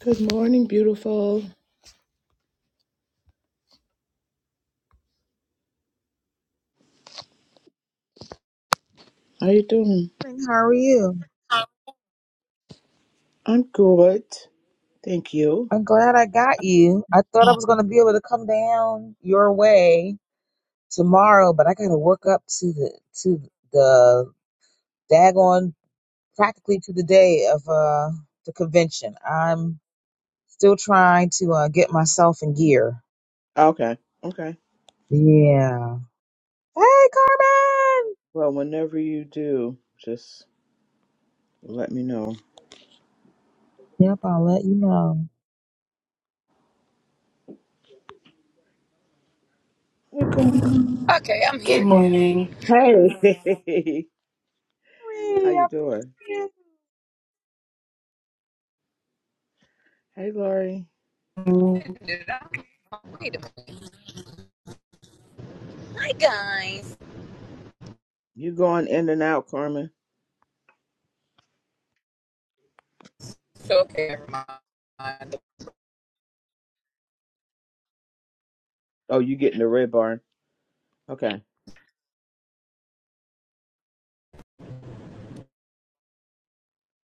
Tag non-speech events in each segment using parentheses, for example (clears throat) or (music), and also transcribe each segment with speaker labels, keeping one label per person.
Speaker 1: Good morning, beautiful. How you doing?
Speaker 2: morning. How are you?
Speaker 1: I'm good. Thank you.
Speaker 2: I'm glad I got you. I thought I was going to be able to come down your way tomorrow, but I got to work up to the to the daggone practically to the day of uh the convention. I'm still trying to uh get myself in gear.
Speaker 1: Okay. Okay.
Speaker 2: Yeah. Hey, Carmen.
Speaker 1: Well, whenever you do, just let me know.
Speaker 2: Yep, I'll let you know.
Speaker 1: Hey, Gwen.
Speaker 3: Okay, I'm
Speaker 4: Good
Speaker 3: here now.
Speaker 4: morning.
Speaker 1: Hey. (laughs) How
Speaker 2: Hey,
Speaker 1: you
Speaker 2: I'm
Speaker 1: doing?
Speaker 2: here.
Speaker 1: Hey, Lori.
Speaker 3: Wait a minute. Hi, guys.
Speaker 1: You going in and out, Carmen?
Speaker 3: So, okay, never mind.
Speaker 1: Oh, you getting the red bar. Okay.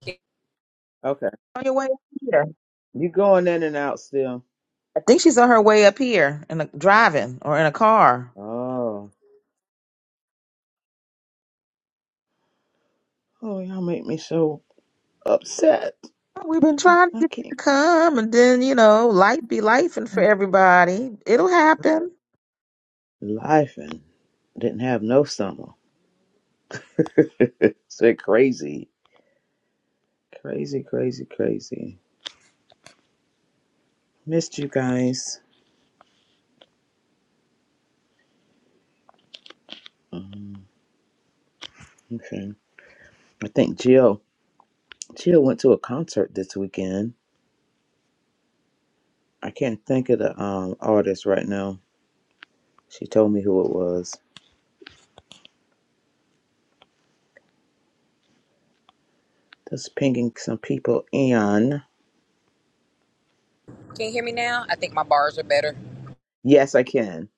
Speaker 3: Can
Speaker 1: Okay.
Speaker 2: On your way up here.
Speaker 1: You going in and out still.
Speaker 2: I think she's on her way up here in a, driving or in a car.
Speaker 1: Oh. Oh, y'all make me so upset.
Speaker 2: We've been trying to
Speaker 1: I
Speaker 2: get you to
Speaker 1: can't.
Speaker 2: come, and then you know, life be life, and for everybody, it'll happen.
Speaker 1: Life and didn't have no summer. (laughs) It's crazy. Crazy, crazy, crazy. Missed you guys. Um, okay. I think Jill. Jill went to a concert this weekend. I can't think of the um artist right now. She told me who it was. Just pinging some people in.
Speaker 3: you hear me now? I think my bars are better.
Speaker 1: Yes, I can.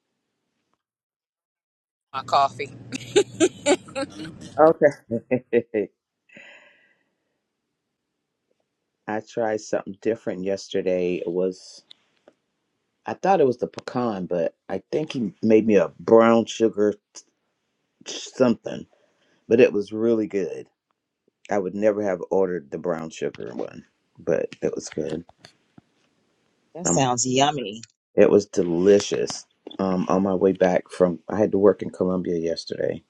Speaker 3: My coffee.
Speaker 1: Okay. (laughs) I tried something different yesterday. It was I thought it was the pecan, but I think he made me a brown sugar something. But it was really good. I would never have ordered the brown sugar one, but it was good.
Speaker 2: That
Speaker 1: Um,
Speaker 2: sounds yummy.
Speaker 1: it was delicious. Um, on my way back from, I had to work in Columbia yesterday,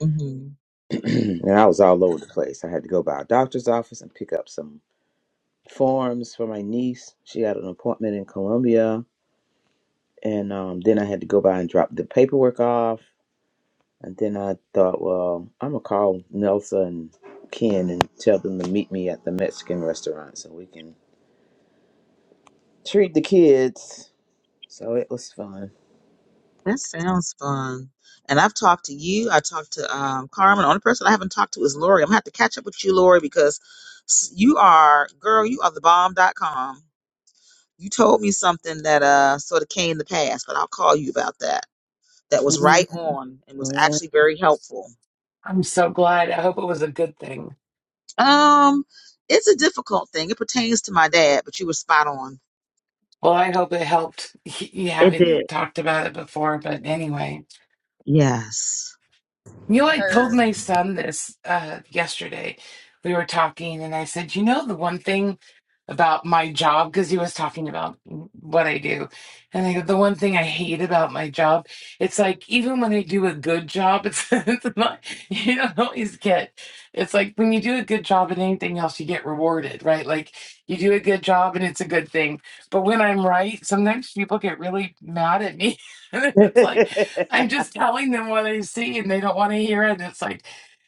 Speaker 2: hmm
Speaker 1: (clears throat) and I was all over the place. I had to go by a doctor's office and pick up some forms for my niece. She had an appointment in Columbia, and um, then I had to go by and drop the paperwork off. And then I thought, well, I'm gonna call Nelson and Ken and tell them to meet me at the Mexican restaurant so we can treat the kids So it was fun.
Speaker 2: That sounds fun. And I've talked to you. I talked to um, Carmen. The only person I haven't talked to is Lori. I'm gonna have to catch up with you, Lori, because s- you are, girl, you are the bomb. Dot com. You told me something that uh sort of came to pass, but I'll call you about that. That was right on and was actually very helpful.
Speaker 4: I'm so glad. I hope it was a good thing.
Speaker 2: Um, it's a difficult thing. It pertains to my dad, but you were spot on.
Speaker 4: Well, I hope it helped. (laughs) You
Speaker 2: It did.
Speaker 4: haven't talked about it before, but anyway.
Speaker 2: Yes.
Speaker 4: You know, I told
Speaker 3: Her.
Speaker 4: my son this uh, yesterday. We were talking, and I said, You know, the one thing about my job, because he was talking about what I do. And I go, The one thing I hate about my job, it's like, even when I do a good job, it's, (laughs) it's not, you don't always get, it's like when you do a good job in anything else, you get rewarded, right? Like you do a good job and it's a good thing. But when I'm right, sometimes people get really mad at me. (laughs) and it's like, I'm
Speaker 1: (laughs)
Speaker 4: just telling them what I see and they don't want to hear it. It's like,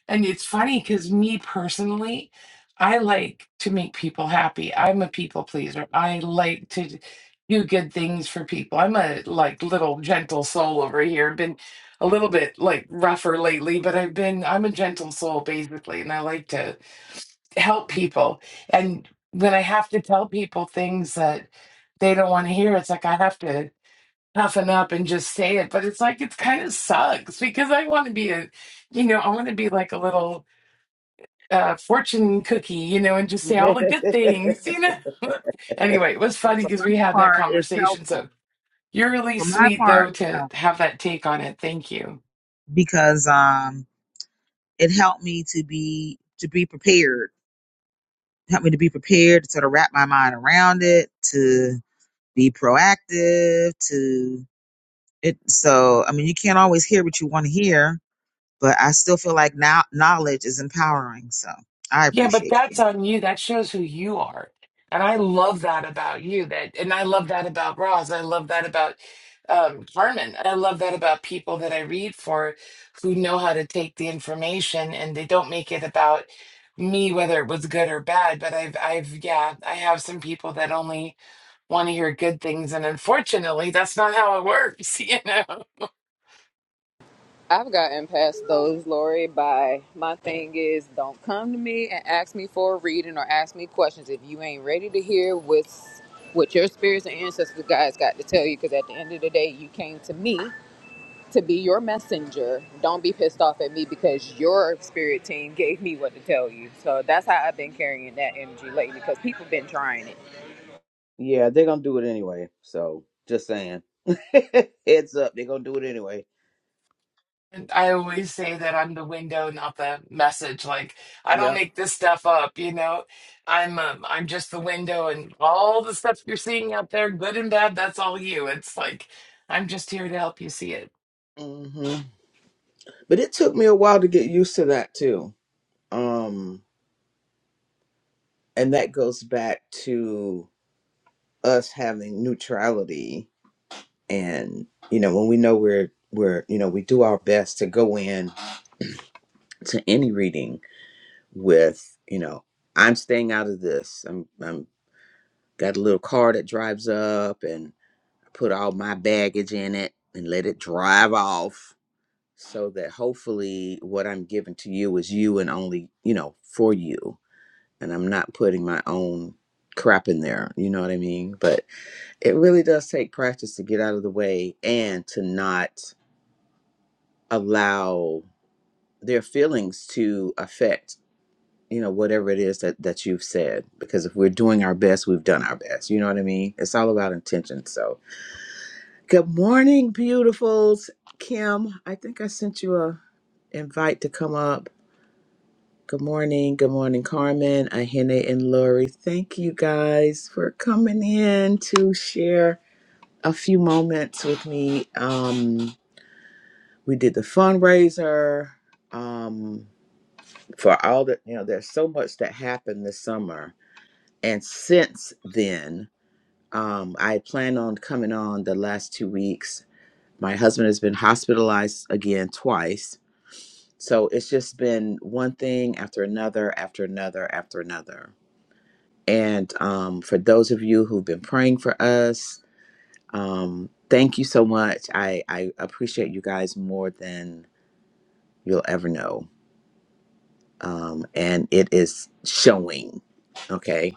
Speaker 4: and it's funny because me personally, I like to make people happy. I'm a people pleaser. I like to do good things for people. I'm a like little gentle soul over here. Been a little bit like rougher lately, but I've been, I'm a gentle soul basically, and I like to help people. And when I have to tell people things that they don't want to hear, it's like I have to toughen up and just say it but it's like it kind of sucks because i want to be a you know i want to be like a little uh fortune cookie you know and just say all the good things you know (laughs) anyway it was
Speaker 2: But
Speaker 4: funny
Speaker 2: for
Speaker 4: because we
Speaker 2: my
Speaker 4: had that
Speaker 2: part, it's
Speaker 4: conversation
Speaker 2: helpful.
Speaker 4: so you're really
Speaker 2: For my
Speaker 4: sweet
Speaker 2: part,
Speaker 4: though
Speaker 2: it's
Speaker 4: to
Speaker 2: helpful
Speaker 4: have that take on it thank you
Speaker 2: because um, it helped me to be to be prepared. Helped me to be prepared to sort of wrap my mind around it, to be proactive, to it. So I mean, you can't always hear what you want to hear, but I still feel like now knowledge is empowering. So I
Speaker 4: Yeah, but
Speaker 2: appreciate
Speaker 4: that's on you. That shows who you are. And I love that about you. That and I love that about Roz. I love that about um Carmen. I love that about people that I read for who know how to take the information and they don't make it about me whether it was good or bad. But I've I've yeah, I have some people that only want to hear good things and unfortunately that's not how it works, (laughs) you know.
Speaker 3: I've gotten past those, Lori, by my thing is don't come to me and ask me for a reading or ask me questions if you ain't ready to hear what's, what your spirits and ancestors guys got to tell you because at the end of the day, you came to me to be your messenger. Don't be pissed off at me because your spirit team gave me what to tell you. So that's how I've been carrying that energy lately because people been trying it.
Speaker 1: yeah, they're gonna do it anyway. So just saying, (laughs) heads up, they're gonna do it anyway.
Speaker 4: And I always say that I'm the window, not the message. Like I don't
Speaker 1: Yeah.
Speaker 4: make this stuff up, you know. I'm um, I'm just the window, and all the stuff you're seeing out there, good and bad, that's all you. It's like I'm just here to help you see it.
Speaker 1: hmm But it took me a while to get used to that too. Um, and that goes back to us having neutrality, and you know when we know we're we're you know we do our best to go in to any reading with you know I'm staying out of this. I'm I'm Got a little car that drives up and I put all my baggage in it and let it drive off so that hopefully what I'm giving to you is you and only, you know, for you. And I'm not putting my own crap in there. You know what I mean? But it really does take practice to get out of the way and to not allow their feelings to affect you know whatever it is that that you've said because if we're doing our best we've done our best you know what i mean it's all about intention so Good morning, beautifuls. Kim, I think I sent you a invite to come up. Good morning. Good morning, Carmen, Ahene, and Lori. Thank you guys for coming in to share a few moments with me. Um, we did the fundraiser um, for all the, you know, there's so much that happened this summer. And since then, um, I plan on coming on the last two weeks My husband has been hospitalized again twice. So it's just been one thing after another, after another, after another. And um, for those of you who've been praying for us, um, thank you so much. I, I appreciate you guys more than you'll ever know. Um, and it is showing. Okay.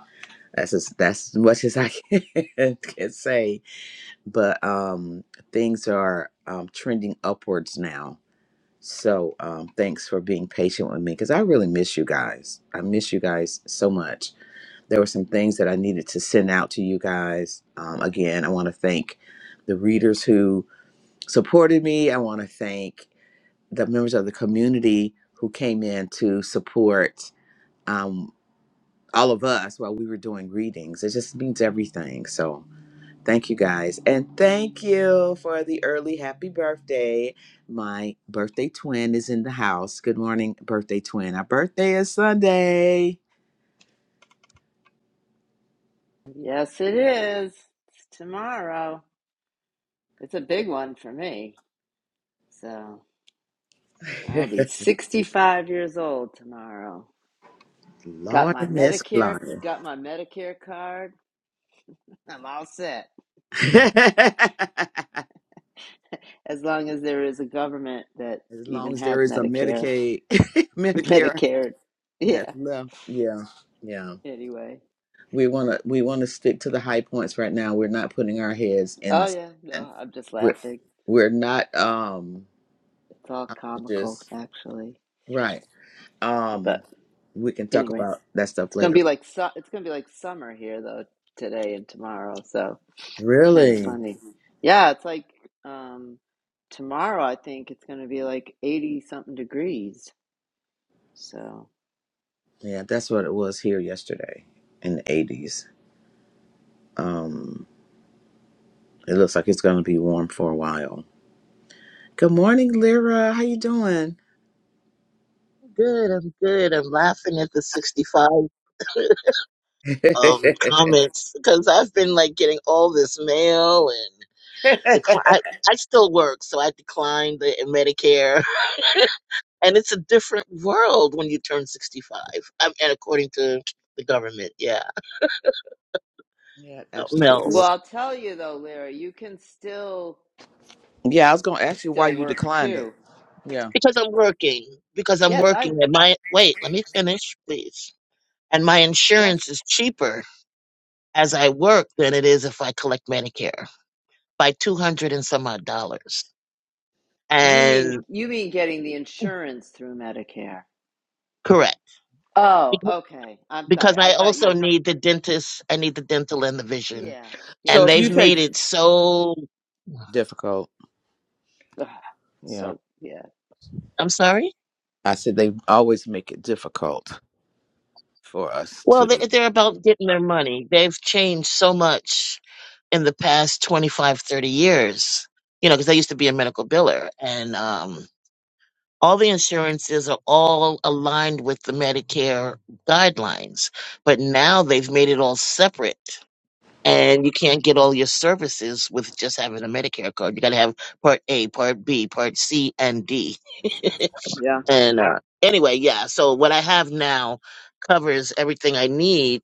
Speaker 1: That's as, that's as much as I can, (laughs) can say. But um, things are um, trending upwards now So um, thanks for being patient with me because I really miss you guys. I miss you guys so much. There were some things that I needed to send out to you guys. Um, again, I want to thank the readers who supported me. I want to thank the members of the community who came in to support um, all of us while we were doing readings. It just means everything. So Thank you guys. And thank you for the early happy birthday. My birthday twin is in the house. Good morning, birthday twin. Our birthday is Sunday.
Speaker 5: Yes, it is. It's tomorrow. It's a big one for me. So I'll
Speaker 1: (laughs)
Speaker 5: be 65 years old tomorrow. Got
Speaker 1: Lord
Speaker 5: my
Speaker 1: Miss
Speaker 5: Medicare,
Speaker 1: Flying.
Speaker 5: got my Medicare card. (laughs) I'm all set.
Speaker 1: (laughs) as
Speaker 5: As long as there is a government that
Speaker 1: long
Speaker 5: even
Speaker 1: as
Speaker 5: has
Speaker 1: there is a
Speaker 5: Medicare,
Speaker 1: Medicaid, (laughs)
Speaker 5: (laughs)
Speaker 1: Medicare
Speaker 5: Medicare. Yeah,
Speaker 1: that's left. Yeah. Yeah.
Speaker 5: anyway.
Speaker 1: We wanna we wanna stick to the high points right now. We're not putting our heads in
Speaker 5: Oh,
Speaker 1: the
Speaker 5: yeah.
Speaker 1: sand.
Speaker 5: No, I'm just
Speaker 1: We're
Speaker 5: laughing.
Speaker 1: we're not um
Speaker 5: It's all comical,
Speaker 1: just
Speaker 5: actually.
Speaker 1: right.
Speaker 5: But
Speaker 1: Um, we can talk
Speaker 5: anyway,
Speaker 1: about that stuff
Speaker 5: it's going to
Speaker 1: later.
Speaker 5: be like, su- it's going to be like summer here, though, today and tomorrow. So. It's kind of
Speaker 1: Really?
Speaker 5: funny. Yeah, it's like um, tomorrow, I think it's going to be like 80 something degrees. So,
Speaker 1: Yeah, that's what it was here yesterday in the eighties. Um, it looks like it's gonna be warm for a while. Good morning, Lyra. How you doing?
Speaker 6: Good, I'm good. I'm laughing at the 65 (laughs)
Speaker 1: (laughs)
Speaker 6: um comments because I've been like getting all this mail and decline. I, I still work, so I declined the Medicare, (laughs) and it's a different world when you turn 65. Um and according to the government, yeah,
Speaker 1: yeah,
Speaker 6: something
Speaker 5: well,
Speaker 1: absolutely.
Speaker 6: else.
Speaker 5: I'll tell you though, Lyra, you can still,
Speaker 1: Yeah, I was
Speaker 5: because
Speaker 1: gonna
Speaker 5: I
Speaker 1: ask you why
Speaker 5: still
Speaker 1: you
Speaker 5: work
Speaker 1: declined it.
Speaker 5: too.
Speaker 1: Yeah.
Speaker 6: Because I'm working, because I'm
Speaker 5: Yes, I,
Speaker 6: working, and my wait, let me finish, please. And my
Speaker 5: yes.
Speaker 6: insurance is cheaper as I work than it is if I collect Medicare by 200 and some odd dollars.
Speaker 5: You mean,
Speaker 6: and
Speaker 5: you mean getting the insurance through Medicare?
Speaker 6: correct
Speaker 5: Oh,
Speaker 6: Beca-
Speaker 5: okay. I'm sorry.
Speaker 6: because
Speaker 5: I
Speaker 6: I
Speaker 5: thought you
Speaker 6: also
Speaker 5: were,
Speaker 6: need the dentist. I need the dental and the vision,
Speaker 5: yeah, yeah,
Speaker 1: So
Speaker 6: and
Speaker 5: yeah,
Speaker 1: if you
Speaker 6: they've
Speaker 5: yeah.
Speaker 6: made
Speaker 1: take
Speaker 6: it so.
Speaker 1: difficult,
Speaker 5: Ugh,
Speaker 1: yeah.
Speaker 5: so, yeah.
Speaker 6: I'm sorry.
Speaker 1: I said they always make it difficult for us
Speaker 6: Well,
Speaker 1: to.
Speaker 6: they- they're about getting their money. They've changed so much in the past 25, 30 years. You know, because I used to be a medical biller, and um, all the insurances are all aligned with the Medicare guidelines. But now they've made it all separate. and you can't get all your services with just having a Medicare card. You got to have Part A, Part B, Part C, and D.
Speaker 1: Yeah.
Speaker 6: And uh, anyway, yeah. So what I have now covers everything I need,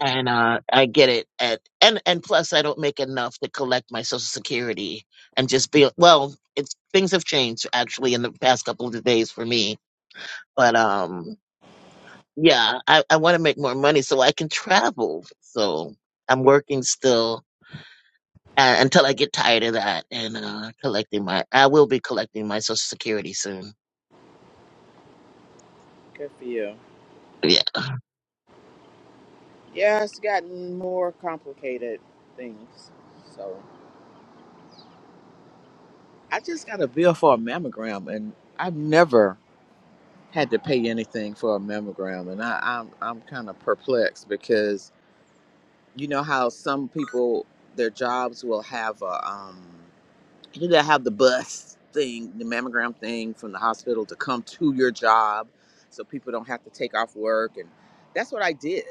Speaker 6: and uh, I get it at and and plus I don't make enough to collect my Social Security and just be well. It's things have changed actually in the past couple of days for me, but um. Yeah, I, I want to make more money so I can travel. So I'm working still uh, until I get tired of that and uh, collecting my. I will be collecting my Social Security soon.
Speaker 1: Good for you.
Speaker 6: Yeah.
Speaker 1: Yeah, it's gotten more complicated things. So I just got a bill for a mammogram, and I've never had to pay anything for a mammogram, and I, I'm I'm kind of perplexed because you know how some people their jobs will have a um you know have the bus thing, the mammogram thing from the hospital to come to your job, so people don't have to take off work, and that's what I did,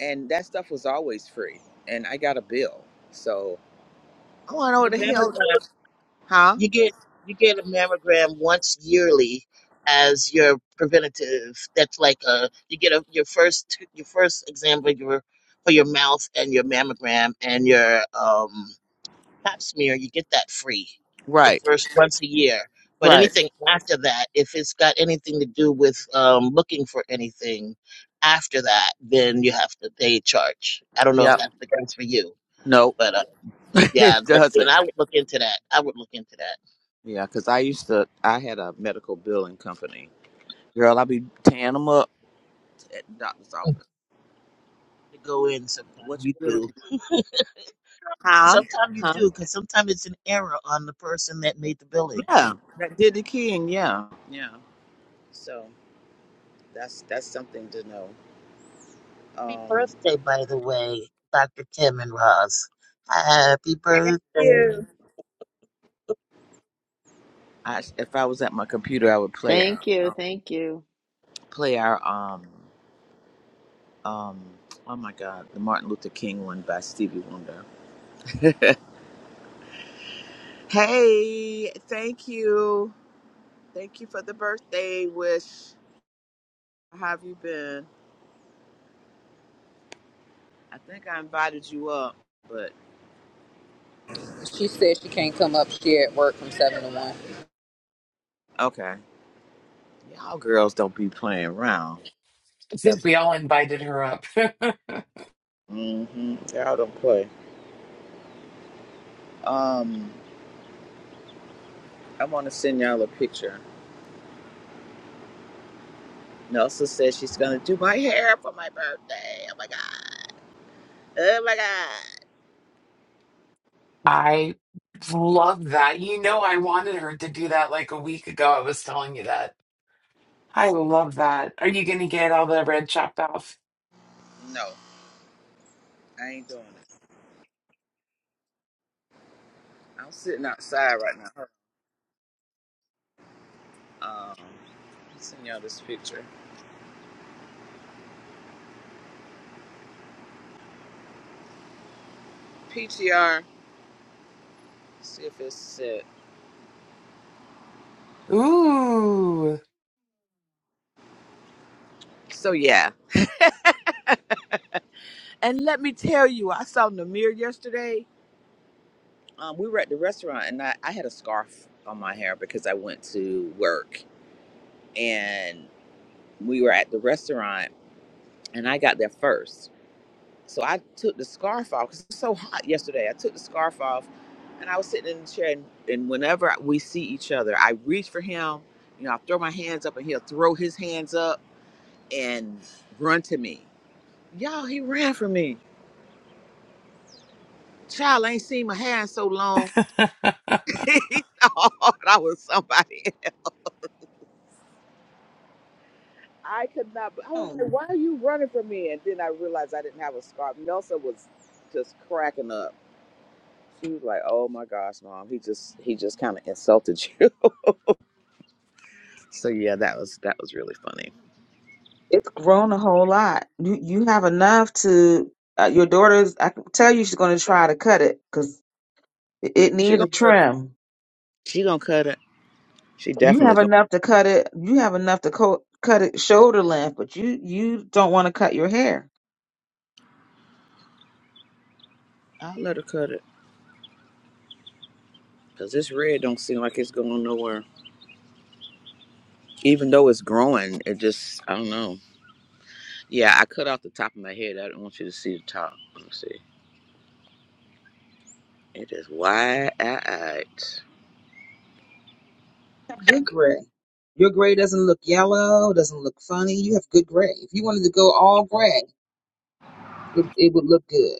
Speaker 1: and that stuff was always free, and I got a bill, so. I want to know
Speaker 6: The
Speaker 1: what the hell.
Speaker 6: mammogram
Speaker 1: Huh?
Speaker 6: you get you get a mammogram once yearly as your preventative. That's like a you get a your first your first exam for your for your mouth and your mammogram and your um pap smear, you get that free the
Speaker 1: Right.
Speaker 6: first once a year. But
Speaker 1: Right.
Speaker 6: anything after that, if it's got anything to do with um, looking for anything after that, then you have to pay charge. I don't know if
Speaker 1: Yep.
Speaker 6: that's the case for you,
Speaker 1: No,
Speaker 6: but uh,
Speaker 1: (laughs)
Speaker 6: yeah,
Speaker 1: it
Speaker 6: that- and
Speaker 1: doesn't.
Speaker 6: I would look into that. I would look into that.
Speaker 1: Yeah, because I used to, I had a medical billing company. Girl, i be tearing them up at the doctor's
Speaker 6: Mm.
Speaker 1: office.
Speaker 6: To go in sometime,
Speaker 1: What you
Speaker 6: you
Speaker 1: billing?
Speaker 6: do. (laughs)
Speaker 1: Huh?
Speaker 6: Sometimes you
Speaker 1: Huh?
Speaker 6: do, because sometimes it's an error on the person that made the billing.
Speaker 1: Yeah. That did the keying. Yeah. Yeah. So that's that's something to know.
Speaker 6: Happy
Speaker 1: Um,
Speaker 6: birthday, by the way, Dr. Kim and Roz. Happy
Speaker 1: Thank
Speaker 6: birthday
Speaker 1: you. I, if I was at my computer, I would play our,
Speaker 5: Thank you.
Speaker 1: um,
Speaker 5: Thank you.
Speaker 1: play our, um, um, oh my God, the Martin Luther King one by Stevie Wonder. (laughs) Hey, thank you. Thank you for the birthday wish. How have you been? I think I invited you up, but
Speaker 3: She said she can't come up. She at work from seven to one.
Speaker 1: okay. Y'all girls don't be playing around.
Speaker 4: (laughs) I
Speaker 1: Yep.
Speaker 4: think we all invited her up.
Speaker 1: hmm Y'all don't play. Um, I want to send y'all a picture. Nelsa says she's gonna do my hair for my birthday. Oh my god. Oh my god.
Speaker 4: (laughs) I love that. You know, I wanted her to do that like a week ago. I was telling you that. I love that. Are you going to get all the red chopped off?
Speaker 1: No, I ain't doing it. I'm sitting outside right now. Um, I'll send y'all this picture. PTR. See if it's it. says.
Speaker 4: Ooh.
Speaker 1: So yeah, and let me tell you, I saw Namir yesterday. Um, we were at the restaurant, and I, I had a scarf on my hair because I went to work, and we were at the restaurant, and I got there first. So I took the scarf off because it was so hot yesterday. I took the scarf off, and I was sitting in the chair, and, and whenever we see each other, I reach for him. You know, I throw my hands up, and he'll throw his hands up and run to me. Y'all, he ran for me. Child, I ain't seen my hair in so long.
Speaker 4: (laughs)
Speaker 1: (laughs) he thought I was somebody. (laughs) I could not. I was like,
Speaker 2: you.
Speaker 1: why are you running from me? And then I realized I didn't have a scarf. Nelson was just cracking up. She was like, oh my gosh, mom, he just he just kind of insulted you. (laughs) so yeah, that was that was really funny.
Speaker 2: It's grown a whole lot. You you have enough to uh, your daughter's. I can tell you she's going to try to cut it because it, it
Speaker 1: She
Speaker 2: needs a
Speaker 1: gonna cut it.
Speaker 2: trim.
Speaker 1: She gonna cut it. She
Speaker 2: You
Speaker 1: definitely
Speaker 2: have
Speaker 1: gonna.
Speaker 2: enough to cut it. You have enough to co- cut it shoulder length, but you you don't want to cut your hair.
Speaker 1: I'll let her cut it because this red don't seem like it's going nowhere. Even though it's growing, it just I don't know. Yeah, I cut off the top of my head. I don't want you to see the top. Let me see. It is wide-eyed.
Speaker 2: You have good gray. Your gray doesn't look yellow. Doesn't look funny. You have good gray. If you wanted to go all gray, it, it would look good.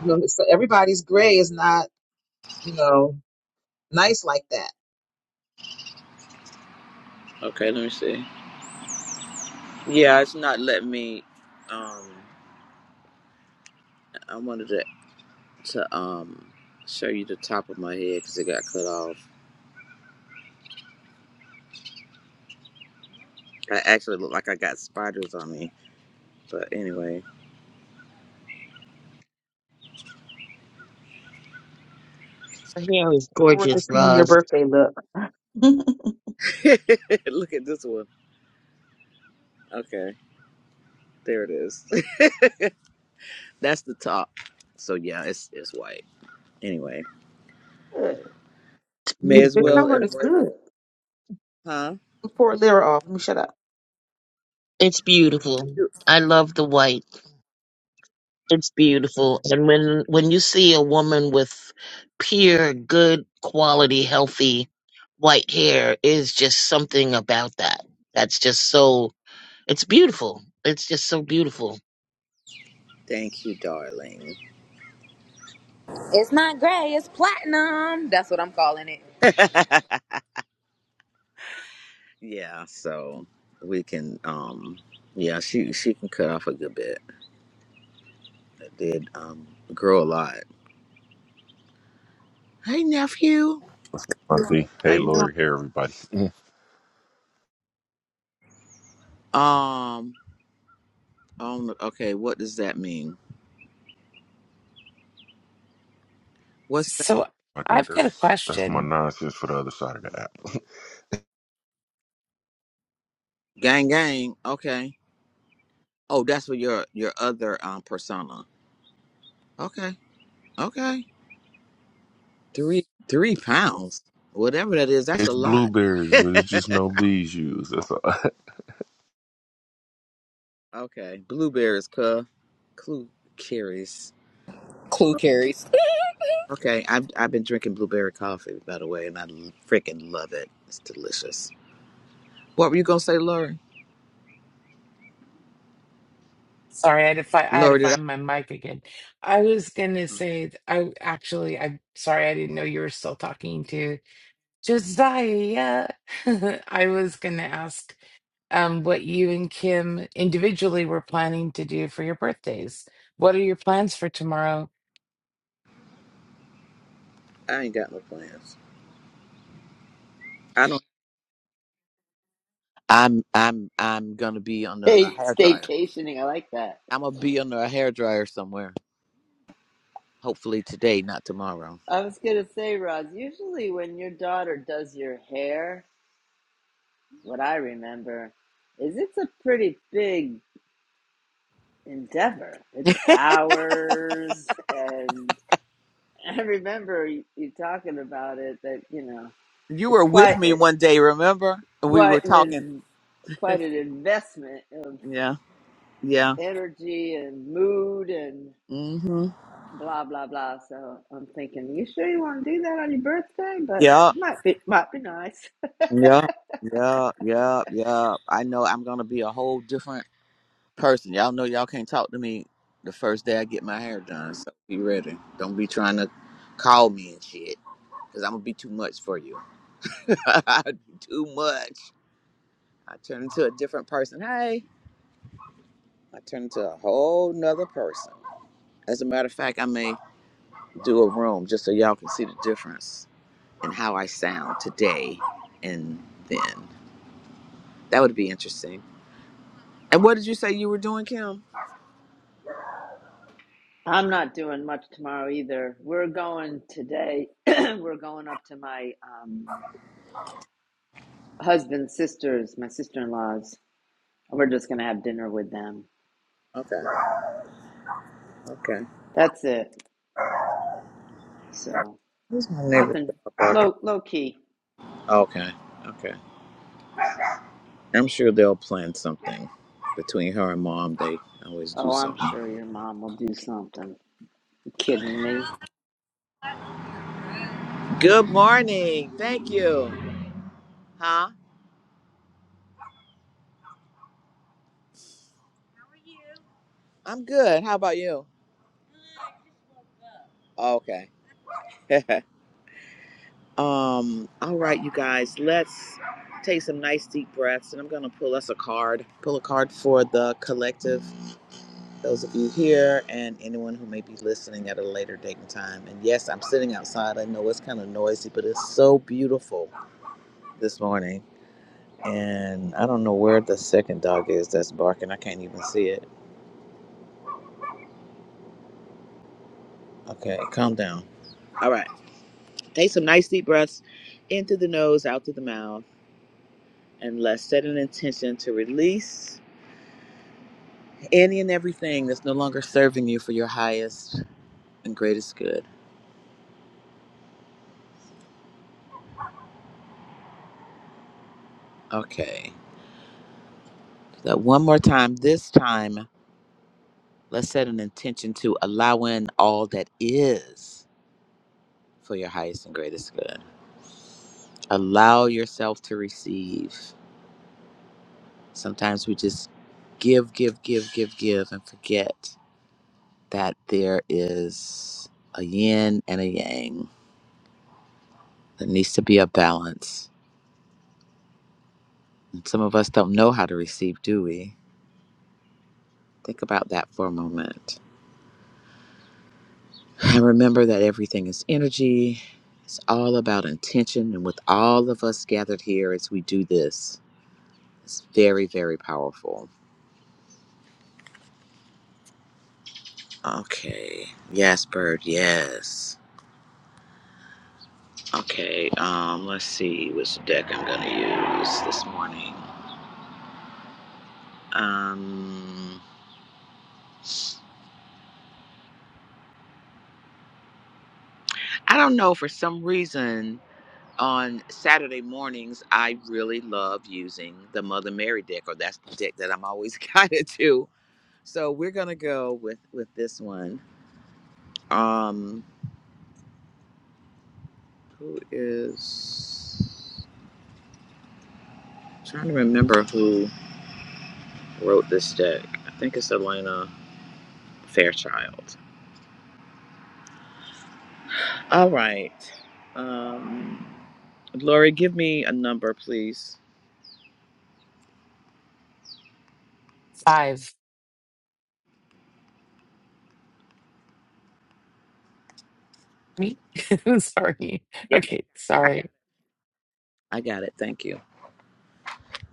Speaker 2: You know, so everybody's gray is not you know nice like that.
Speaker 1: Okay, let me see. Yeah, it's not letting me. Um, I wanted to to um show you the top of my head because it got cut off. I actually look like I got spiders on me, but anyway,
Speaker 6: Her hair is
Speaker 2: Forward to
Speaker 6: gorgeous,
Speaker 2: seeing your
Speaker 6: love.
Speaker 2: birthday look. (laughs)
Speaker 1: (laughs) look at this one. Okay, there it is. (laughs) That's the top. So yeah, it's it's white. Anyway,
Speaker 2: Good.
Speaker 1: may as
Speaker 2: The
Speaker 6: Beautiful.
Speaker 1: well
Speaker 2: cover is
Speaker 1: embrace
Speaker 2: good.
Speaker 1: it, huh?
Speaker 2: Pour a lira off. Let me shut up.
Speaker 6: It's beautiful. I love the white. It's beautiful. And when when you see a woman with pure, good quality, healthy white hair is just something about that. That's just so it's beautiful. It's just so beautiful.
Speaker 1: Thank you, darling.
Speaker 3: It's not gray. It's platinum. That's what I'm calling it.
Speaker 1: (laughs) yeah, so we can um, yeah, she she can cut off a good bit. did um grow a lot. Hey nephew,
Speaker 7: Monty.
Speaker 1: how
Speaker 7: Hey,
Speaker 1: you doing?
Speaker 7: Lori. Hey, everybody.
Speaker 1: Um, um okay, what does that mean? What's that?
Speaker 4: So
Speaker 7: About that,
Speaker 4: I've got a
Speaker 7: that's that's my
Speaker 4: question.
Speaker 7: nonsense for the other side of the app. (laughs)
Speaker 1: Gang gang. Okay. Oh, that's what your your other um persona. Okay. Okay. 3 3 pounds. Whatever that is, that's a
Speaker 7: It's
Speaker 1: lot.
Speaker 7: blueberries,
Speaker 1: (laughs)
Speaker 7: but it's just no bees used. That's all. (laughs)
Speaker 1: okay. Blueberries, cuh. Clue carries.
Speaker 3: Clue carries.
Speaker 1: Okay, I've I've been drinking blueberry coffee by the way, and I freaking love it. It's delicious. What were you gonna say, Lori?
Speaker 4: Sorry, I had to find I had to
Speaker 1: Lori, did
Speaker 4: find
Speaker 1: I?
Speaker 4: my mic again. I was gonna say th- I actually I'm sorry I didn't know you were still talking to Josiah. (laughs) I was gonna ask um what you and Kim individually were planning to do for your birthdays. What are your plans for tomorrow?
Speaker 1: I ain't got no plans. I don't. I'm I'm I'm gonna be on a, a
Speaker 5: Hey,
Speaker 1: hair dryer.
Speaker 5: staycationing. I like that.
Speaker 1: I'm gonna be under a hair dryer somewhere. Hopefully today, not tomorrow.
Speaker 5: I was gonna say, Roz, usually when your daughter does your hair, what I remember is it's a pretty big endeavor. It's hours, and (laughs) I remember you, you talking about it that you know
Speaker 1: You
Speaker 5: it's
Speaker 1: were with
Speaker 5: quite
Speaker 1: me
Speaker 5: it,
Speaker 1: one day, remember? We were
Speaker 5: quite an
Speaker 1: talking.
Speaker 5: in- quite an investment of
Speaker 1: Yeah, yeah.
Speaker 5: energy and mood and
Speaker 1: Mm-hmm.
Speaker 5: blah blah blah. So I'm thinking, you sure you want to do that on your birthday? But
Speaker 1: Yeah,
Speaker 5: might be might be nice.
Speaker 1: yeah, yeah, yeah, yeah. I know I'm gonna be a whole different person. Y'all know y'all can't talk to me the first day I get my hair done. So be ready. Don't be trying to call me and shit, cause I'm gonna be too much for you. (laughs) too much. I turn into a different person. Hey, I turn into a whole nother person. As a matter of fact, I may do a room just so y'all can see the difference in how I sound today and then. That would be interesting. And what did you say you were doing, Kim?
Speaker 5: I'm not doing much tomorrow either. We're going today. (clears throat) We're going up to my um, husband's sisters, my sister in laws. We're just gonna have dinner with them.
Speaker 1: Okay, okay.
Speaker 5: That's it. So
Speaker 1: Who's my neighbor?
Speaker 5: nothing. Low low key.
Speaker 1: Okay, okay. I'm sure they'll plan something between her and mom. They always do
Speaker 5: Oh, I'm
Speaker 1: something.
Speaker 5: sure your mom will do something. You kidding me?
Speaker 1: Good morning. Thank you. Huh? I'm good. How about you? Okay. (laughs) Um, all right, you guys, let's take some nice deep breaths, and I'm gonna pull us a card. Pull a card for the collective, those of you here, and anyone who may be listening at a later date and time. And yes, I'm sitting outside. I know it's kind of noisy, but it's so beautiful this morning. And I don't know where the second dog is that's barking. I can't even see it. Okay, calm down. All right, take some nice deep breaths in through the nose, out through the mouth, and let's set an intention to release Any and everything that's no longer serving you for your highest and greatest good. Okay. That one more time. This time, let's set an intention to allow in all that is for your highest and greatest good. Allow yourself to receive. Sometimes we just give, give, give, give, give, and forget that there is a yin and a yang. There needs to be a balance. And some of us don't know how to receive, do we? Think about that for a moment. And remember that everything is energy. It's all about intention. And with all of us gathered here as we do this, it's very, very powerful. Okay. Yes, Bird. Yes. Okay. Um, let's see which deck I'm going to use this morning. Um, I don't know. For some reason, on Saturday mornings, I really love using the Mother Mary deck, or that's the deck that I'm always (laughs) guided to So we're gonna go with with this one. Um, who is I'm trying to remember who wrote this deck? I think it's Elena Fairchild. All right, um, Lori, give me a number, please.
Speaker 4: Five. Me? (laughs) Sorry.
Speaker 1: Yeah,
Speaker 4: Okay,
Speaker 1: I got it.
Speaker 4: sorry.
Speaker 1: I got it. Thank you.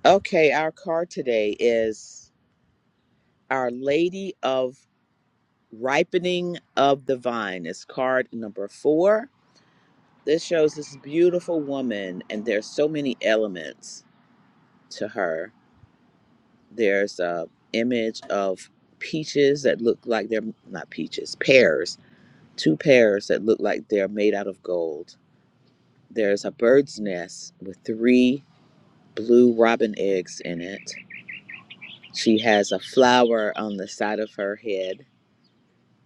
Speaker 1: Okay, our card today is Our Lady of Ripening of the Vine. It's card number four This shows this beautiful woman, and there's so many elements to her. There's a image of peaches that look like they're not peaches, pears, two pears that look like they're made out of gold. There's a bird's nest with three blue robin eggs in it. She has a flower on the side of her head,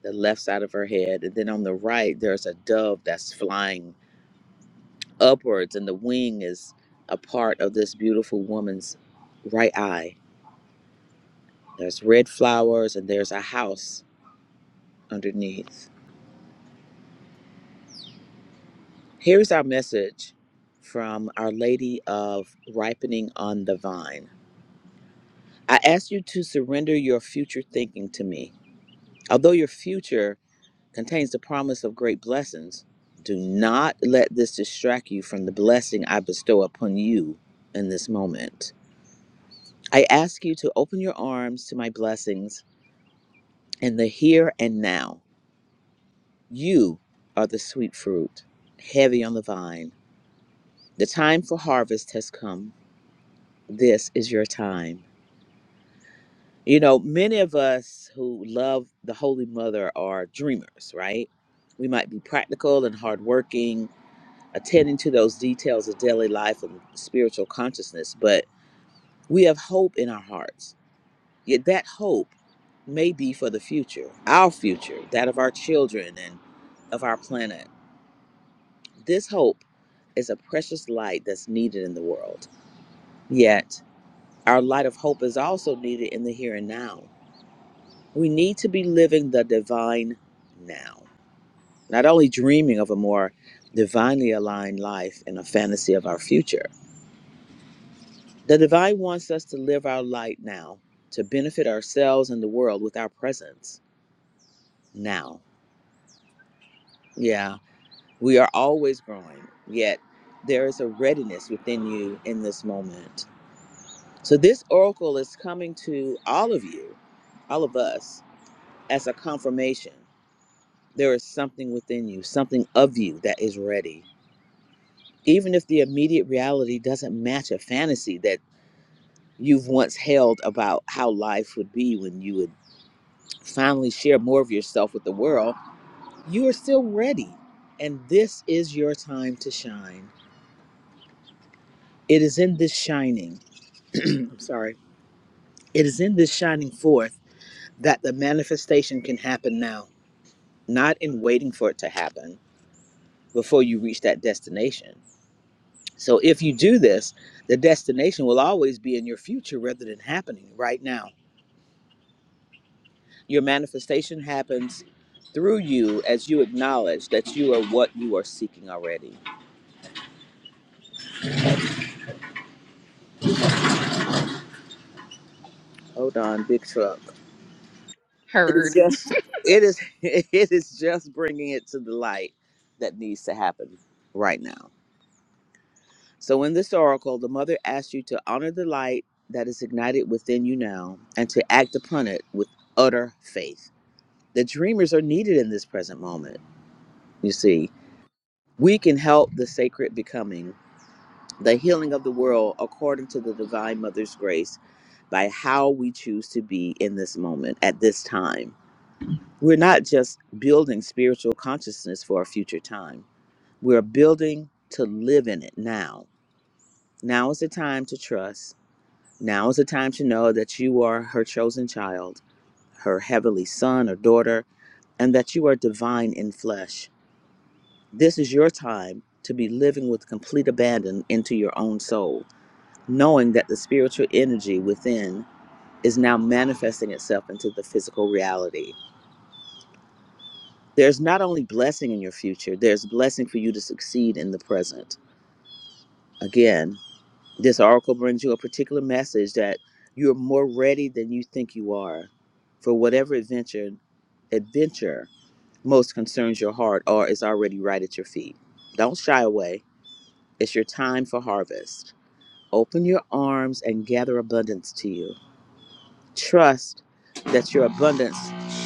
Speaker 1: the left side of her head, and then on the right there's a dove that's flying upwards, and the wing is a part of this beautiful woman's right eye. There's red flowers, and there's a house underneath. Here's our message from Our Lady of Ripening on the Vine I ask you to surrender your future thinking to me. Although your future contains the promise of great blessings, do not let this distract you from the blessing I bestow upon you in this moment. I ask you to open your arms to my blessings And the here and now. You are the sweet fruit, heavy on the vine. The time for harvest has come. This is your time. You know, many of us who love the Holy Mother are dreamers, right? We might be practical and hardworking, attending to those details of daily life and spiritual consciousness, but we have hope in our hearts. Yet that hope may be for the future, our future, that of our children and of our planet This hope is a precious light that's needed in the world. Yet, our light of hope is also needed in the here and now. We need to be living the divine now, not only dreaming of a more divinely aligned life and a fantasy of our future. The divine wants us to live our light now, to benefit ourselves and the world with our presence now. Yeah, we are always growing, yet there is a readiness within you in this moment So this oracle is coming to all of you, all of us, as a confirmation. There is something within you, something of you that is ready. Even if the immediate reality doesn't match a fantasy that you've once held about how life would be when you would finally share more of yourself with the world, you are still ready. And this is your time to shine. It is in this shining, I'm sorry, it is in this shining forth that the manifestation can happen now. not in waiting for it to happen before you reach that destination. So if you do this, the destination will always be in your future rather than happening right now. Your manifestation happens through you as you acknowledge that you are what you are seeking already. Hold on, big truck.
Speaker 3: (laughs)
Speaker 1: It is
Speaker 3: Heard.
Speaker 1: just it is (laughs) it is just bringing it to the light that needs to happen right now. So, in this oracle, the mother asks you to honor the light that is ignited within you now and to act upon it with utter faith. The dreamers are needed in this present moment. You see, we can help the sacred becoming, the healing of the world according to the divine mother's grace by how we choose to be in this moment at this time. We're not just building spiritual consciousness for a future time, we're building to live in it now. Now is the time to trust. Now is the time to know that you are her chosen child, her heavenly son or daughter, and that you are divine in flesh. This is your time to be living with complete abandon into your own soul, knowing that the spiritual energy within is now manifesting itself into the physical reality. There's not only blessing in your future, there's blessing for you to succeed in the present. Again, This oracle brings you a particular message that you are more ready than you think you are for whatever adventure adventure most concerns your heart or is already right at your feet. Don't shy away. It's your time for harvest. Open your arms and gather abundance to you. Trust that your abundance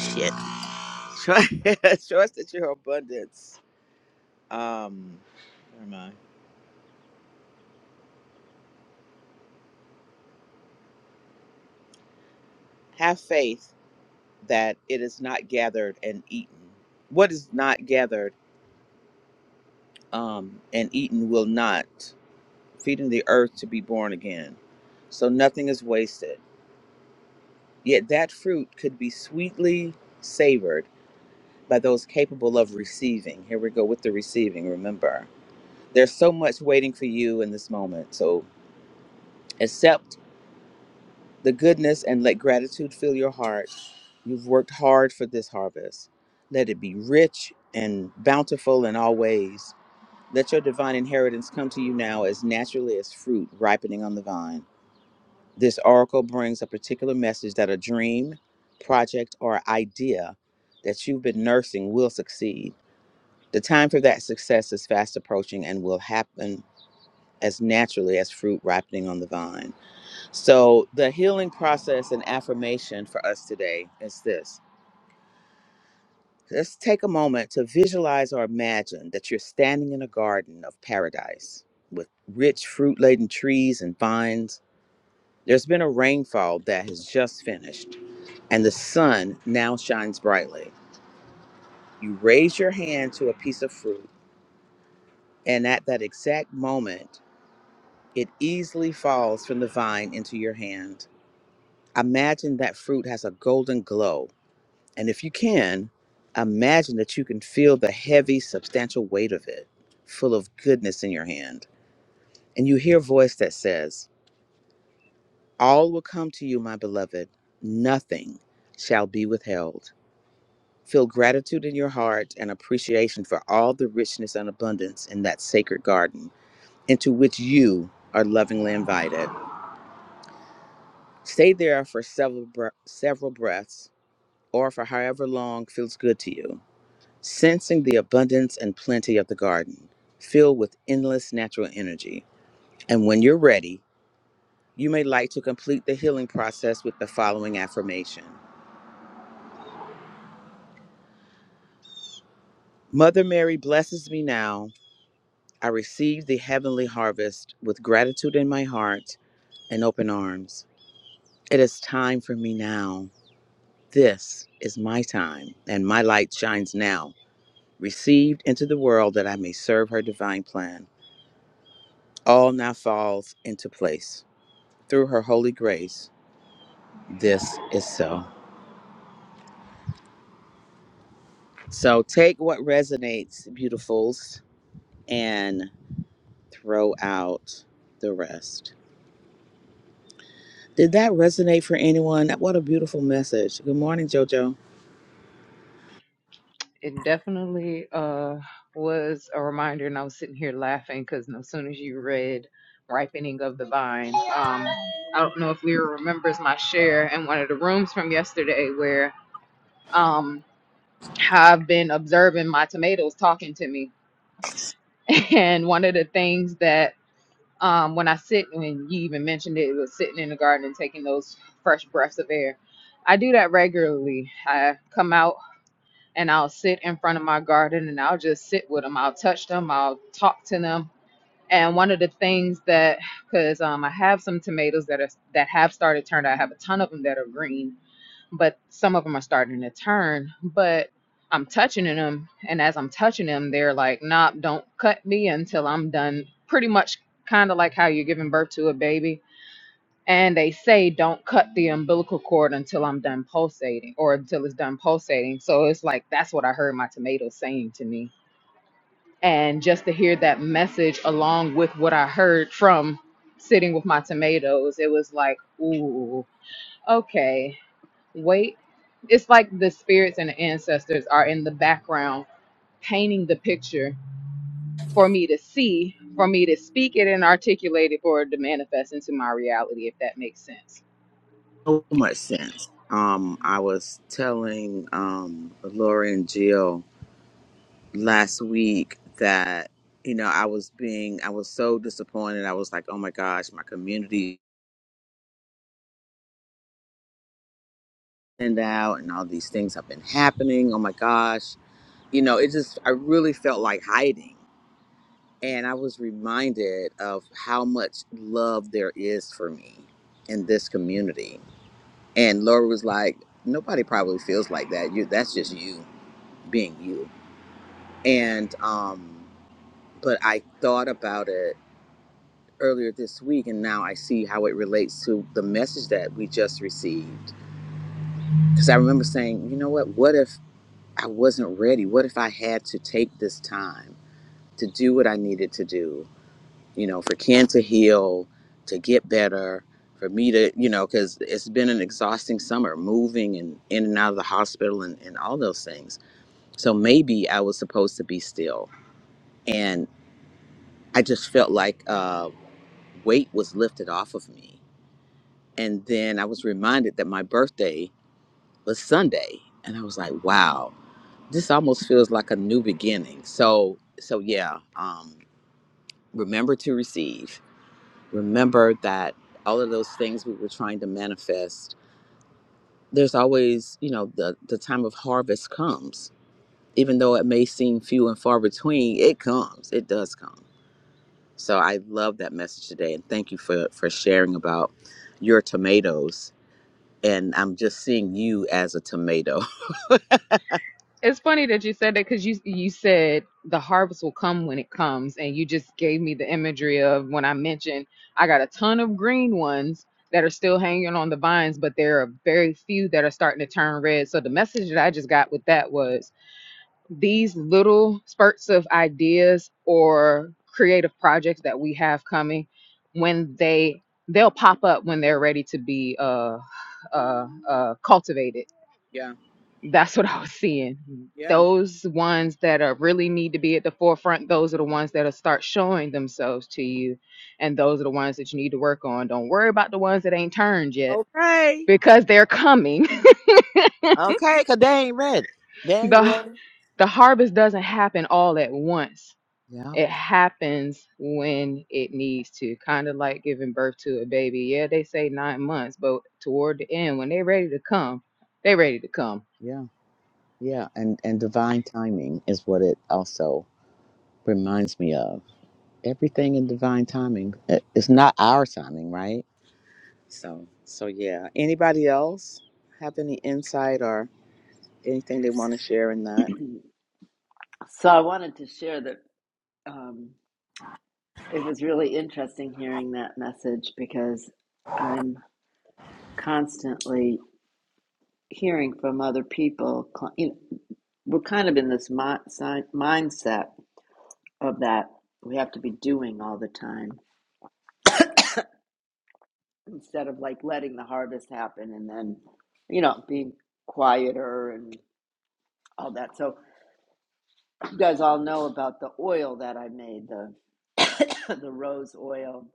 Speaker 1: shit. (laughs) Trust, trust that your abundance um where am I? Have faith that it is not gathered and eaten. What is not gathered? um, and eaten will not, feeding the earth to be born again. So nothing is wasted. Yet that fruit could be sweetly savored by those capable of receiving. Here we go with the receiving, remember. There's so much waiting for you in this moment. So accept the goodness and let gratitude fill your heart. You've worked hard for this harvest. Let it be rich and bountiful in all ways Let your divine inheritance come to you now as naturally as fruit ripening on the vine. This oracle brings a particular message that a dream, project, or idea that you've been nursing will succeed. The time for that success is fast approaching and will happen as naturally as fruit ripening on the vine. So, the healing process and affirmation for us today is this Let's take a moment to visualize or imagine that you're standing in a garden of paradise with rich fruit laden trees and vines. There's been a rainfall that has just finished, and the sun now shines brightly. You raise your hand to a piece of fruit, and at that exact moment, it easily falls from the vine into your hand. Imagine that fruit has a golden glow And if you can, imagine that you can feel the heavy, substantial weight of it, full of goodness in your hand. And you hear a voice that says, All will come to you, my beloved. Nothing shall be withheld. Feel gratitude in your heart and appreciation for all the richness and abundance in that sacred garden into which you are lovingly invited. Stay there for several, bre- several breaths or for however long feels good to you Sensing the abundance and plenty of the garden, filled with endless natural energy. And when you're ready, you may like to complete the healing process with the following affirmation Mother Mary blesses me now. I receive the heavenly harvest with gratitude in my heart and open arms. It is time for me now. This is my time, and my light shines now, received into the world that I may serve her divine plan. All now falls into place through her holy grace. This is so. So take what resonates, beautifuls, and throw out the rest. Did that resonate for anyone? What a beautiful message. Good morning, JoJo.
Speaker 3: it definitely uh was a reminder and i was sitting here laughing because as soon as you read ripening of the vine um i don't know if leah remembers my share in one of the rooms from yesterday where um i've been observing my tomatoes talking to me (laughs) and one of the things that um when i sit when you even mentioned it, it was sitting in the garden and taking those fresh breaths of air i do that regularly i come out and I'll sit in front of my garden and I'll just sit with them. I'll touch them. I'll talk to them. And one of the things that, because um, I have some tomatoes that are that have started turning, I have a ton of them that are green, but some of them are starting to turn. But I'm touching them, and as I'm touching them, they're like, "Nah, don't cut me until I'm done." Pretty much, kind of like how you're giving birth to a baby and they say don't cut the umbilical cord until I'm done pulsating or until it's done pulsating. So it's like that's what I heard my tomato saying to me. And just to hear that message along with what I heard from sitting with my tomatoes, it was like, ooh, okay, wait. It's like the spirits and the ancestors are in the background painting the picture for me to see, for me to speak it and articulate it, for it to manifest into my reality, if that makes sense
Speaker 1: So much sense. Um, I was telling um Laura and Jill last week that you know I was being I was so disappointed. I was like, oh my gosh, my community and out and all these things have been happening. Oh my gosh, you know, it just I really felt like hiding And I was reminded of how much love there is for me in this community. And Laura was like, nobody probably feels like that. You that's just you being you. And um but I thought about it earlier this week and now I see how it relates to the message that we just received. Cuz I remember saying, you know what? What if I wasn't ready? What if I had to take this time to do what I needed to do? you know, for Ken to heal, to get better, for me to, you know, because it's been an exhausting summer, moving and in and out of the hospital and, and all those things. So maybe I was supposed to be still. And I just felt like uh, weight was lifted off of me. And then I was reminded that my birthday was Sunday. And I was like, wow, this almost feels like a new beginning. So, so yeah, um, remember to receive remember that all of those things we were trying to manifest there's always you know the the time of harvest comes even though it may seem few and far between it comes it does come so i love that message today and thank you for for sharing about your tomatoes and i'm just seeing you as a tomato
Speaker 3: It's funny that you said that because you you said the harvest will come when it comes, and you just gave me the imagery of when I mentioned I got a ton of green ones that are still hanging on the vines, but there are very few that are starting to turn red. So the message that I just got with that was these little spurts of ideas or creative projects that we have coming, when they they'll pop up when they're ready to be uh uh uh cultivated
Speaker 1: (laughs) yeah
Speaker 3: that's what I was seeing.
Speaker 1: yeah
Speaker 3: Those ones that are really need to be at the forefront, those are the ones that'll start showing themselves to you. And those are the ones that you need to work on. Don't worry about the ones that ain't turned yet
Speaker 1: okay
Speaker 3: because they're coming. (laughs)
Speaker 1: okay because they ain't ready they ain't
Speaker 3: The
Speaker 1: ready
Speaker 3: the harvest doesn't happen all at once.
Speaker 1: yeah
Speaker 3: it happens when it needs to kind of like giving birth to a baby yeah they say nine months but toward the end when they're ready to come they're ready to come
Speaker 1: yeah yeah and and divine timing is what it also reminds me of Everything in divine timing. It- It's not our timing, right? So, so yeah. Anybody else have any insight or anything they want to share in that?
Speaker 5: So I wanted to share that um, it was really interesting hearing that message because I'm constantly hearing from other people, you know, we're kind of in this mi- si- mindset of that we have to be doing all the time instead of like letting the harvest happen and then, you know, being quieter and all that. So you guys all know about the oil that I made, the (coughs) the rose oil.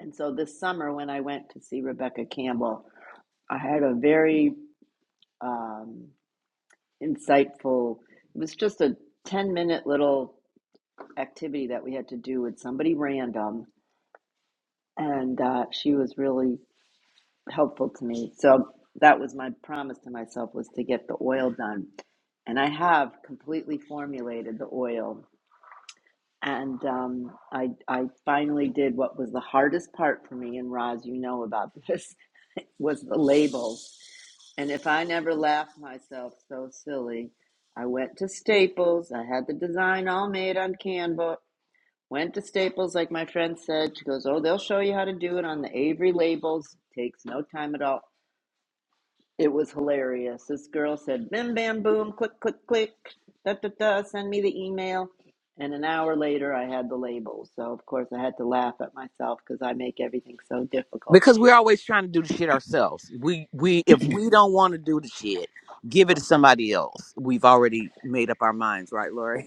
Speaker 5: And so this summer when I went to see Rebecca Campbell, I had a very um, insightful. It was just a ten minute little activity that we had to do with somebody random, and uh, she was really helpful to me. So that was my promise to myself was to get the oil done, and I have completely formulated the oil. And um, I, I finally did what was the hardest part for me, and Roz, you know about this, (laughs) was the label. And if I never laughed myself so silly, I went to Staples. I had the design all made on Canva Went to Staples, like my friend said. She goes, Oh, they'll show you how to do it on the Avery labels. Takes no time at all. It was hilarious. This girl said, Bim, bam, boom, click, click, click, da, da, da, send me the email. And an hour later, I had the labels. So, of course, I had to laugh at myself because I make everything so difficult.
Speaker 1: Because we're always trying to do the shit ourselves. We we if we don't want to do the shit, give it to somebody else. We've already made up our minds, right, Lori?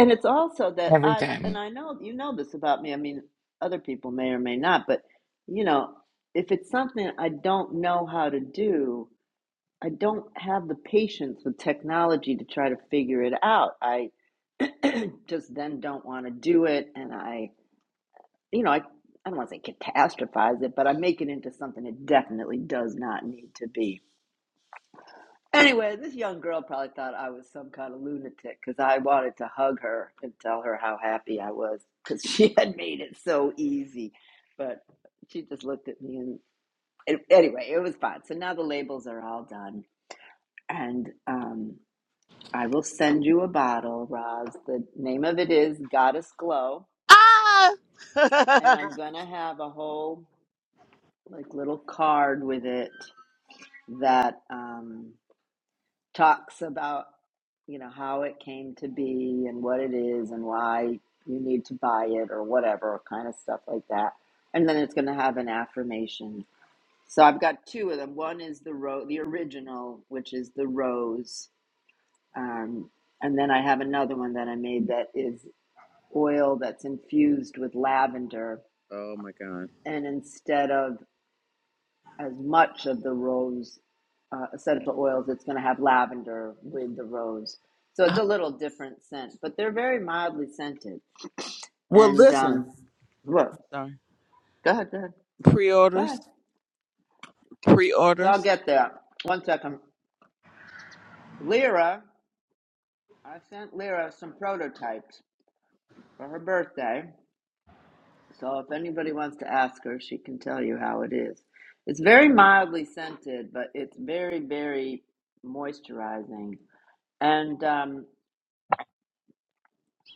Speaker 5: And it's also that
Speaker 4: Every
Speaker 5: I, and
Speaker 4: time.
Speaker 5: I know you know this about me. I mean, other people may or may not, but you know, if it's something I don't know how to do, I don't have the patience with technology to try to figure it out. I (clears throat) just then don't want to do it. And I, you know, I, I don't want to say catastrophize it, but I make it into something it definitely does not need to be. Anyway, this young girl probably thought I was some kind of lunatic because I wanted to hug her and tell her how happy I was because (laughs) she had made it so easy. But she just looked at me and it, anyway, it was fine. So now the labels are all done. And, um, I will send you a bottle, Roz. The name of it is Goddess Glow.
Speaker 1: Ah.
Speaker 5: And
Speaker 1: (laughs)
Speaker 5: I'm going to have a whole like little card with it that um, talks about, you know, how it came to be and what it is and why you need to buy it or whatever kind of stuff like that. And then it's going to have an affirmation. So I've got two of them. One is the ro- the original, which is the rose. Um, and then I have another one that I made that is oil that's infused with lavender.
Speaker 1: Oh my God.
Speaker 5: And instead of as much of the rose uh, essential oils, it's going to have lavender with the rose. So it's a
Speaker 1: (laughs)
Speaker 5: little different scent, but they're very mildly scented.
Speaker 1: well,
Speaker 5: And
Speaker 1: listen.
Speaker 5: um, look,
Speaker 1: Sorry.
Speaker 5: go ahead, go ahead, go
Speaker 1: Pre-orders,
Speaker 5: ahead. So I'll
Speaker 1: pre-orders.
Speaker 5: get there. One second. Lyra, I sent Lyra some prototypes for her birthday. So if anybody wants to ask her, she can tell you how it is. It's very mildly scented, but it's very, very moisturizing. And um,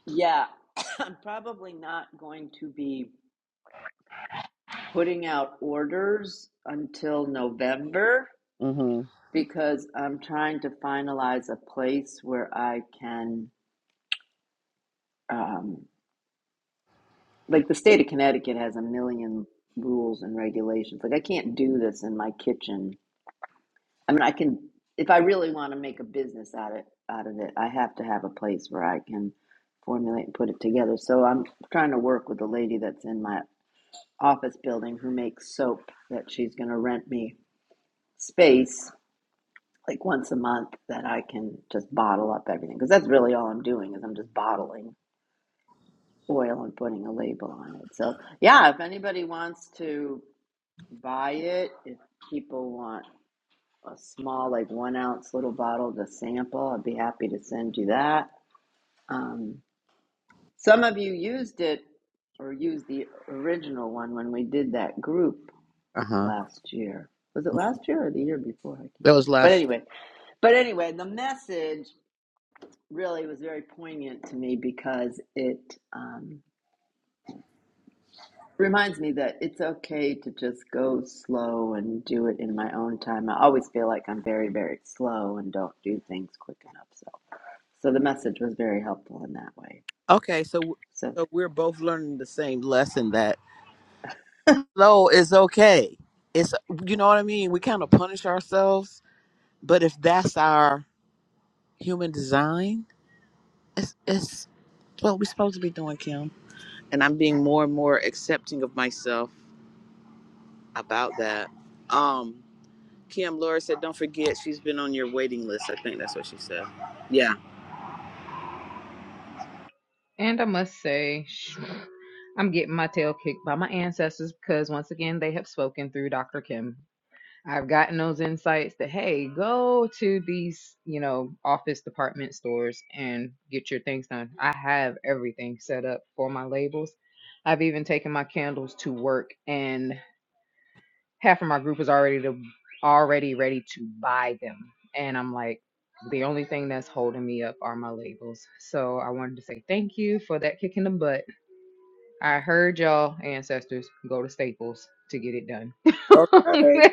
Speaker 5: yeah, (coughs) I'm probably not going to be putting out orders until November
Speaker 1: Mm-hmm.
Speaker 5: because I'm trying to finalize a place where I can, um, like, the state of Connecticut has a million rules and regulations. Like, I can't do this in my kitchen I mean, I can if I really want to make a business out of out of it, I have to have a place where I can formulate and put it together. So I'm trying to work with a lady that's in my office building who makes soap that she's going to rent me space like once a month that I can just bottle up everything because that's really all I'm doing is I'm just bottling oil and putting a label on it. So, yeah, if anybody wants to buy it, if people want a small, like one ounce little bottle to sample. I'd be happy to send you that. Um, some of you used it or used the original one when we did that group
Speaker 1: Uh huh.
Speaker 5: last year. Was it last year or the year before? I can't
Speaker 1: That was
Speaker 5: remember. But
Speaker 1: last year.
Speaker 5: anyway, but anyway, the message really was very poignant to me because it um, reminds me that it's okay to just go slow and do it in my own time. I always feel like I'm very, very slow and don't do things quick enough. So So the message was very helpful in that way.
Speaker 1: Okay, so
Speaker 5: So,
Speaker 1: so we're both learning the same lesson that slow is okay. It's you know what I mean. We kind of punish ourselves, but if that's our human design, it's it's what we're supposed to be doing, Kim. And I'm being more and more accepting of myself about that. Um, Kim, Laura said, don't forget she's been on your waiting list. I think that's what she said. Yeah.
Speaker 3: and i must say sh- i'm getting my tail kicked by my ancestors because once again they have spoken through dr kim I've gotten those insights that, hey, go to these, you know, office department stores and get your things done. I have everything set up for my labels. I've even taken my candles to work and half of my group is already to, already ready to buy them. And I'm like, the only thing that's holding me up are my labels. So I wanted to say thank you for that kick in the butt. I heard y'all ancestors go to Staples to get it done.
Speaker 1: Okay.
Speaker 3: (laughs)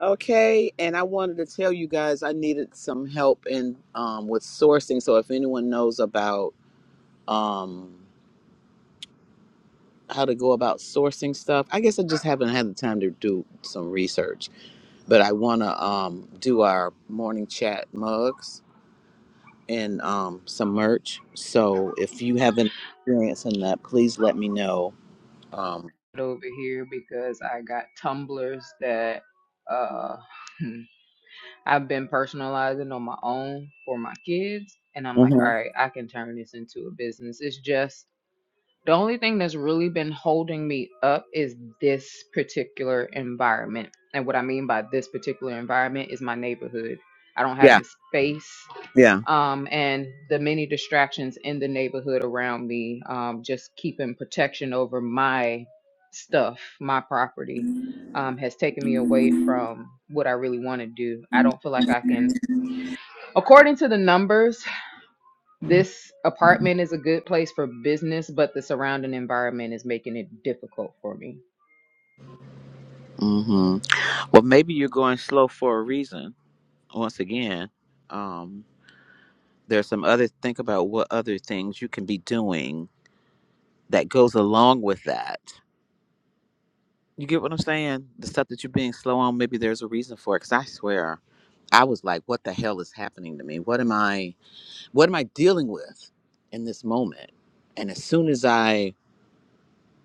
Speaker 1: Okay, and I wanted to tell you guys I needed some help in um, with sourcing. So if anyone knows about um, how to go about sourcing stuff, I guess I just haven't had the time to do some research. But I want to um, do our morning chat mugs and um, some merch. So if you have any experience in that, please let me know. Um,
Speaker 3: over here because I got tumblers that uh (laughs) I've been personalizing on my own for my kids and I'm like,
Speaker 1: hmm
Speaker 3: all right, I can turn this into a business. It's just the only thing that's really been holding me up is this particular environment. And what I mean by this particular environment is my neighborhood. I don't have
Speaker 1: Yeah,
Speaker 3: the space
Speaker 1: yeah.
Speaker 3: um, and the many distractions in the neighborhood around me, um, just keeping protection over my stuff, my property, um, has taken me away from what I really want to do. I don't feel like I can, according to the numbers, this apartment is a good place for business, but the surrounding environment is making it difficult for me.
Speaker 1: hmm Well, maybe you're going slow for a reason. Once again. Um, There's some other think about what other things you can be doing that goes along with that. You get what I'm saying? The stuff that you're being slow on, maybe there's a reason for it. Cause I swear, I was like, what the hell is happening to me? What am I what am I dealing with in this moment? And as soon as I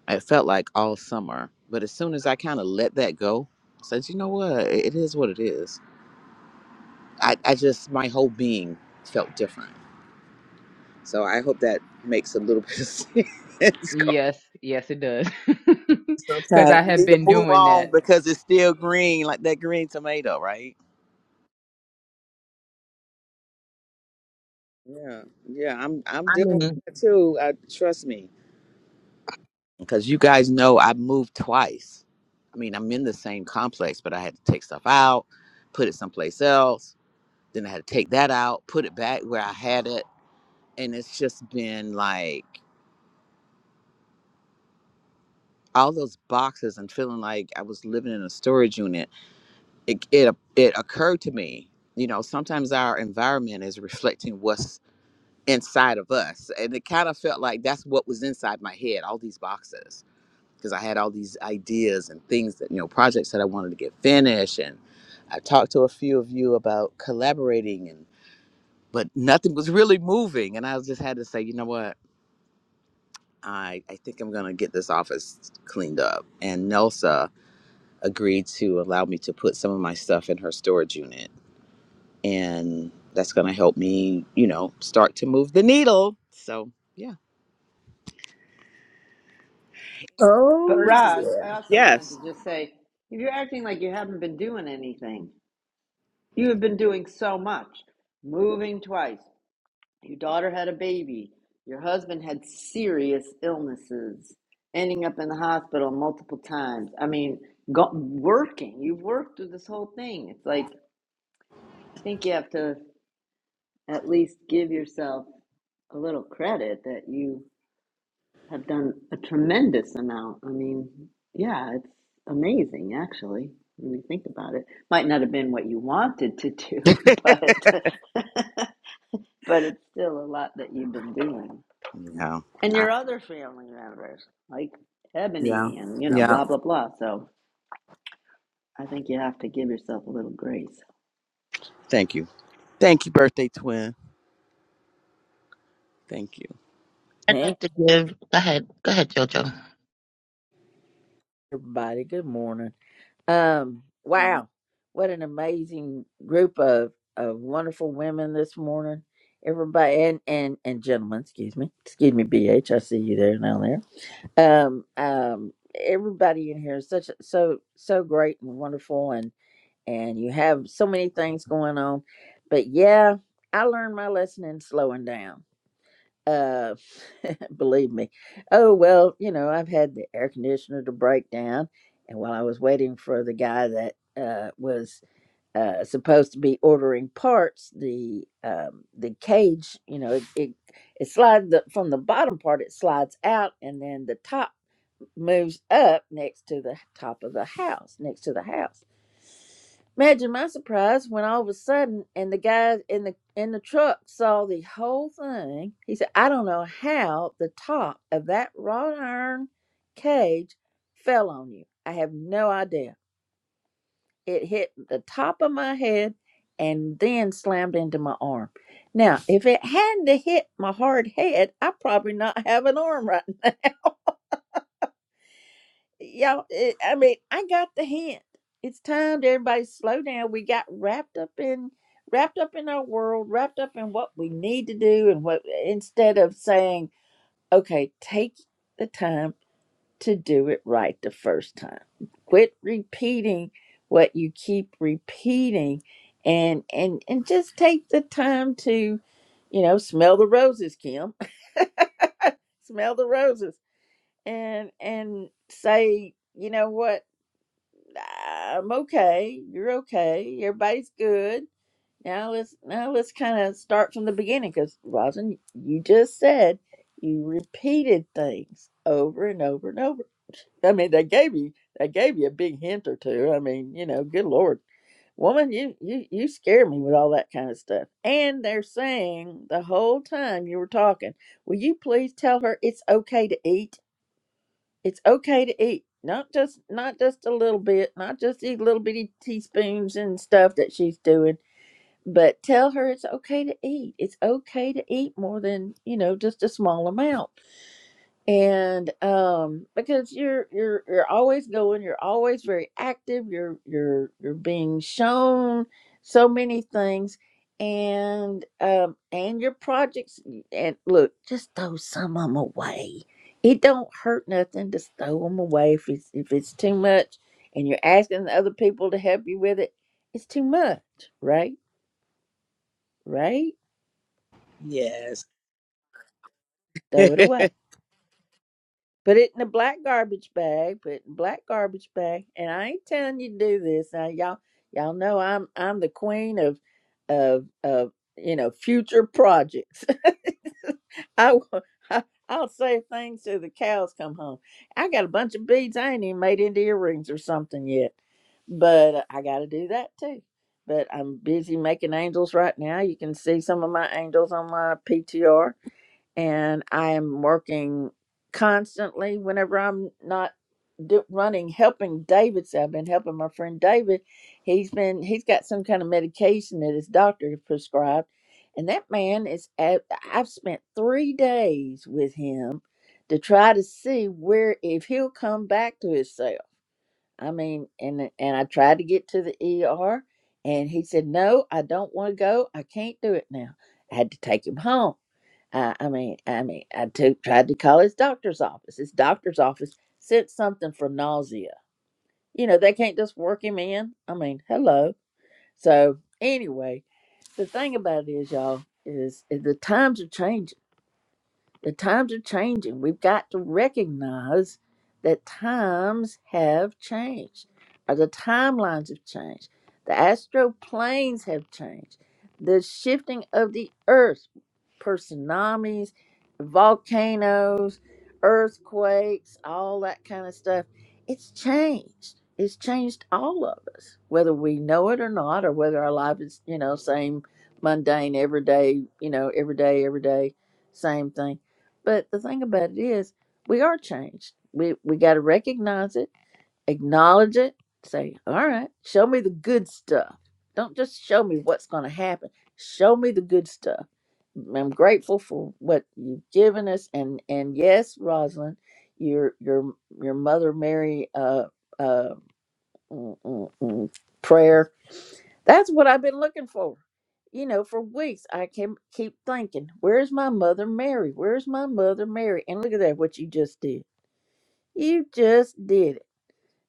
Speaker 1: it felt like all summer, but as soon as I kind of let that go, I said, you know what? It is what it is. I, I just my whole being felt different. So I hope that makes a little (laughs) bit of sense,
Speaker 3: Yes, yes, it does. (laughs) Because I
Speaker 1: Sometimes you
Speaker 3: have
Speaker 1: need to
Speaker 3: been
Speaker 1: move
Speaker 3: doing
Speaker 1: on
Speaker 3: that.
Speaker 1: because it's still green, like that green tomato, right? Yeah, yeah, I'm I'm
Speaker 6: I
Speaker 1: dealing with
Speaker 6: mean
Speaker 1: that too. I, trust me. Because you guys know I moved twice. I mean, I'm in the same complex, but I had to take stuff out, put it someplace else. Then I had to take that out, put it back where I had it. And it's just been like all those boxes and feeling like I was living in a storage unit. It, it, it occurred to me, you know, sometimes our environment is reflecting what's inside of us. And it kind of felt like that's what was inside my head, all these boxes, because I had all these ideas and things that, you know, projects that I wanted to get finished. And I talked to a few of you about collaborating and, but nothing was really moving. And I was just had to say, you know what? I, I think I'm going to get this office cleaned up. And Nelsa agreed to allow me to put some of my stuff in her storage unit. And that's going to help me, you know, start to move the needle. So, yeah.
Speaker 5: but
Speaker 8: Oh
Speaker 5: Roz,
Speaker 8: yeah.
Speaker 5: I also wanted to
Speaker 1: Yes.
Speaker 5: just say if you're acting like you haven't been doing anything, you have been doing so much moving twice. Your daughter had a baby, your husband had serious illnesses, ending up in the hospital multiple times. I mean, go, working, you've worked through this whole thing. It's like, I think you have to at least give yourself a little credit that you have done a tremendous amount. I mean, yeah, it's amazing actually when you think about it. Might not have been what you wanted to do, (laughs) but (laughs) but it's still a lot that you've been doing.
Speaker 1: Yeah.
Speaker 5: And
Speaker 1: I,
Speaker 5: your other family members, like
Speaker 1: yeah.
Speaker 5: Ebony and you know,
Speaker 1: Yeah.
Speaker 5: blah blah blah. So I think you have to give yourself a little grace.
Speaker 1: Thank you. Thank you, birthday twin. Thank
Speaker 6: I'd
Speaker 8: Hey
Speaker 6: like to give go ahead. Go ahead, Jojo. (laughs)
Speaker 8: everybody, good morning. Um,
Speaker 1: you.
Speaker 8: wow, what an amazing group of, of wonderful women this morning. Everybody and, and and gentlemen, excuse me. Excuse me, B H, I see you there now there. Um um everybody in here is such a- so so great and wonderful and and you have so many things going on. But yeah, I learned my lesson in slowing down Uh, (laughs) believe me. Oh, well, you know, I've had the air conditioner to break down. And while I was waiting for the guy that uh, was uh, supposed to be ordering parts, the um, the cage, you know, it it, it slides the, from the bottom part, it slides out, and then the top moves up next to the top of the house, next to the house. Imagine my surprise when all of a sudden, and the guy in the in the truck saw the whole thing. He said, "I don't know how the top of that wrought iron cage fell on you. I have no idea." it hit the top of my head and then slammed into my arm. Now, if it hadn't have hit my hard head, I probably not have an arm right now. (laughs) Y'all, it, I mean, I got the hint. It's time to everybody slow down. We got wrapped up in wrapped up in our world, wrapped up in what we need to do, and what instead of saying, okay, take the time to do it right the first time. Quit repeating what you keep repeating and and and just take the time to you know smell the roses Kim (laughs) smell the roses and and say you know what I'm okay you're okay everybody's good now let's now let's kind of start from the beginning cuz Rosin you just said you repeated things over and over and over I mean, they gave you they gave you a big hint or two. I mean, you know, good lord, woman, you you you scare me with all that kind of stuff. And they're saying the whole time you were talking, will you please tell her it's okay to eat? It's okay to eat, not just not just a little bit, not just these little bitty teaspoons and stuff that she's doing, but tell her it's okay to eat. It's okay to eat more than you know, just a small amount and um because you're you're you're always going you're always very active you're you're you're being shown so many things and um and your projects and look just throw some of them away it don't hurt nothing just throw them away if it's if it's too much and you're asking the other people to help you with it it's too much right right
Speaker 1: Yes. (laughs)
Speaker 8: throw it away Put it in a black garbage bag. Put it in a black garbage bag. And I ain't telling you to do this. Now y'all y'all know I'm I'm the queen of of of you know future projects. (laughs) I, will- I I'll save things till the cows come home. I got a bunch of beads I ain't even made into earrings or something yet, but uh, I got to do that too. But I'm busy making angels right now. You can see some of my angels on my PTR and I am working constantly whenever I'm not do- running helping David. So I've been helping my friend David. He's been he's got some kind of medication that his doctor prescribed, and that man is. at- I've spent three days with him to try to see where if he'll come back to himself. I mean, and and I tried to get to the ER, and he said, "No, I don't want to go. I can't do it now." I had to take him home I, I mean, I mean, I took, tried to call his doctor's office. His doctor's office sent something for nausea. You know, they can't just work him in. I mean, hello. So anyway, the thing about it is, y'all, is, is the times are changing. The times are changing. We've got to recognize that times have changed, or the timelines have changed. The astral planes have changed. The shifting of the earth, per tsunamis, volcanoes, earthquakes, all that kind of stuff, it's changed. It's changed all of us, whether we know it or not, or whether our life is, you know, same mundane, everyday, you know, every day, every day, same thing but the thing about it is, we are changed. We we got to recognize it, acknowledge it, say, "All right, show me the good stuff. Don't just show me what's going to happen. Show me the good stuff." I'm grateful for what you've given us, and and yes, Rosalind, your your your mother Mary uh uh mm, mm, mm, prayer that's what I've been looking for. You know, for weeks I can keep thinking, where's my mother Mary? Where's my mother Mary? And look at that, what you just did. You just did it.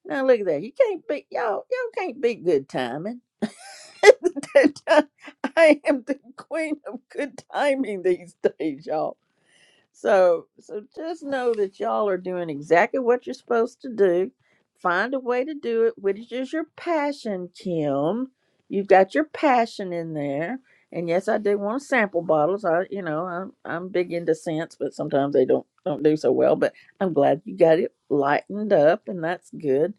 Speaker 8: Now look at that. You can't beat y'all. Y'all can't beat good timing. (laughs) I am the queen of good timing these days, y'all. So so just know that y'all are doing exactly what you're supposed to do. Find a way to do it, which is your passion, Kim. You've got your passion in there. And yes, I do want to sample bottles. I you know, I'm I'm big into scents, but sometimes they don't don't do so well. But I'm glad you got it lightened up and that's good.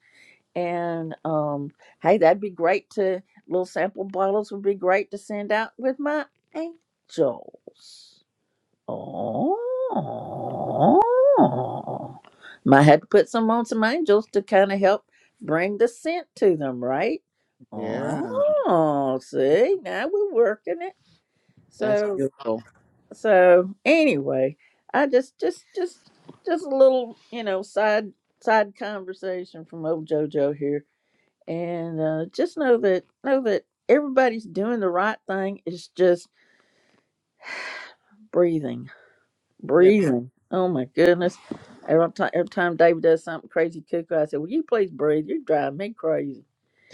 Speaker 8: And um hey, that'd be great to little sample bottles would be great to send out with my angels. Oh. I had to put some on some angels to kind of help bring the scent to them, right?
Speaker 1: yeah.
Speaker 8: Oh, see, now we're working it.
Speaker 1: That's
Speaker 8: So,
Speaker 1: beautiful.
Speaker 8: so anyway, I just, just, just, just a little, you know, side, side conversation from old JoJo here, and uh, just know that, know that everybody's doing the right thing. It's just breathing.
Speaker 1: Yeah.
Speaker 8: breathing. Oh my goodness. Every time, every time David does something crazy cuckoo, I say, Will you please breathe? You're driving me crazy.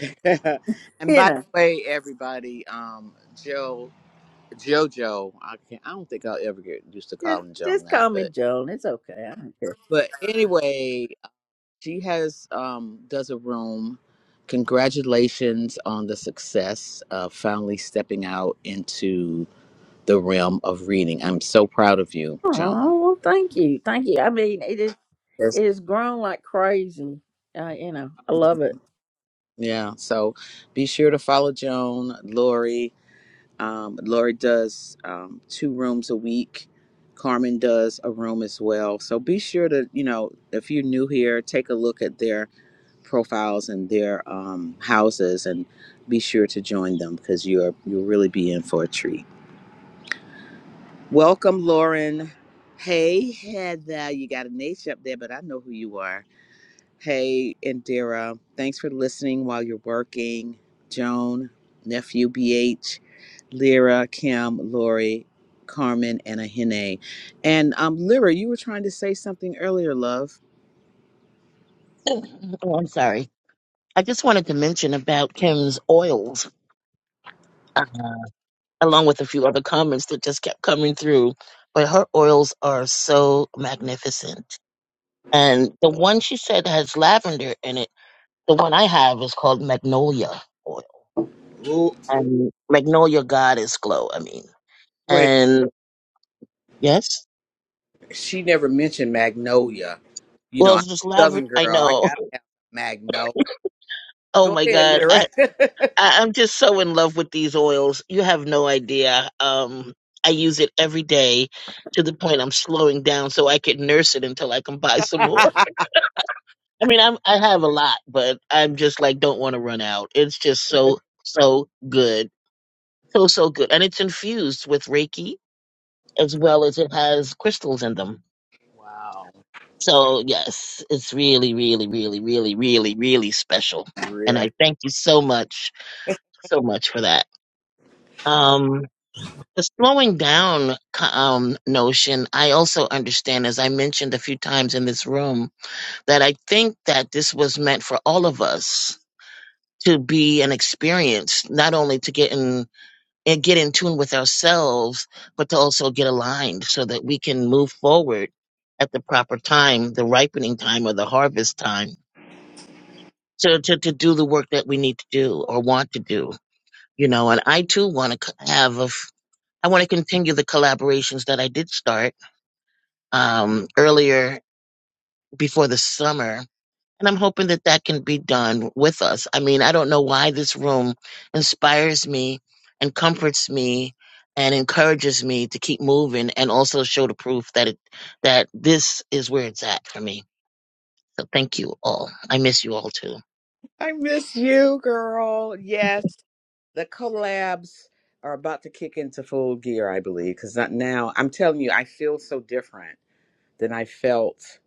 Speaker 1: (laughs) and
Speaker 8: You
Speaker 1: by the
Speaker 8: know,
Speaker 1: way, everybody, um, Joe Jojo, I can't I don't think I'll ever get used to
Speaker 8: just
Speaker 1: calling Joan
Speaker 8: just
Speaker 1: that,
Speaker 8: call me
Speaker 1: but
Speaker 8: Joan. It's okay. I don't care.
Speaker 1: but anyway, she has um does a room. Congratulations on the success of finally stepping out into the realm of reading. I'm so proud of you, Joan.
Speaker 8: Oh, well, thank you. Thank you. I mean, it is
Speaker 1: Yes.
Speaker 8: it has grown like crazy. Uh, you know, I love it.
Speaker 1: Yeah. So be sure to follow Joan, Lori. Um, Lori does um, two rooms a week. Carmen does a room as well. So be sure to, you know, if you're new here, take a look at their profiles and their um, houses and be sure to join them because you're you'll really be in for a treat. Welcome, Lauren. Hey, Heather. You got a niche up there, but I know who you are. Hey, Indira, thanks for listening while you're working. Joan, nephew BH, Lyra, Kim, Lori, Carmen, and Ahene. And um, Lyra, you were trying to say something earlier, love.
Speaker 6: Oh, I'm sorry. I just wanted to mention about Kim's oils. along with a few other comments that just kept coming through. But her oils are so magnificent. And the one she said has lavender in it, the one I have is called Magnolia Oil.
Speaker 1: Well,
Speaker 6: And Magnolia Goddess Glow, I mean.
Speaker 1: wait,
Speaker 6: And yes?
Speaker 1: she never mentioned Magnolia. You know,
Speaker 6: Well,
Speaker 1: I'm
Speaker 6: it's just
Speaker 1: a
Speaker 6: lavender.
Speaker 1: Southern
Speaker 6: I
Speaker 1: girl. I
Speaker 6: know. (laughs)
Speaker 1: gotta have Magnolia.
Speaker 6: Oh
Speaker 1: Go
Speaker 6: my
Speaker 1: ahead,
Speaker 6: God.
Speaker 1: Lyra.
Speaker 6: I, I, I'm just so in love with these oils. You have no idea. Um, I use it every day to the point I'm slowing down so I can nurse it until I can buy some more.
Speaker 1: (laughs)
Speaker 6: I mean, I'm I have a lot, but I'm just like don't want to run out. It's just so so good, so so good, and it's infused with Reiki as well as it has crystals in them.
Speaker 1: wow,
Speaker 6: So yes, it's really really really really really really special, and I
Speaker 1: really?
Speaker 6: thank you so much so much for that. Um, the slowing down co- um, notion, I also understand, as I mentioned a few times in this room, that I think that this was meant for all of us to be an experience, not only to get in and get in tune with ourselves, but to also get aligned so that we can move forward at the proper time, the ripening time or the harvest time. So to, to do the work that we need to do or want to do, you know, and I too want to have, a, f- I want to continue the collaborations that I did start um, earlier before the summer And I'm hoping that that can be done with us. I mean, I don't know why this room inspires me and comforts me and encourages me to keep moving and also show the proof that it, that this is where it's at for me. So thank you all. I miss you all too.
Speaker 1: I miss you, girl. Yes. the collabs are about to kick into full gear, I believe, because now. I'm telling you, I feel so different than I felt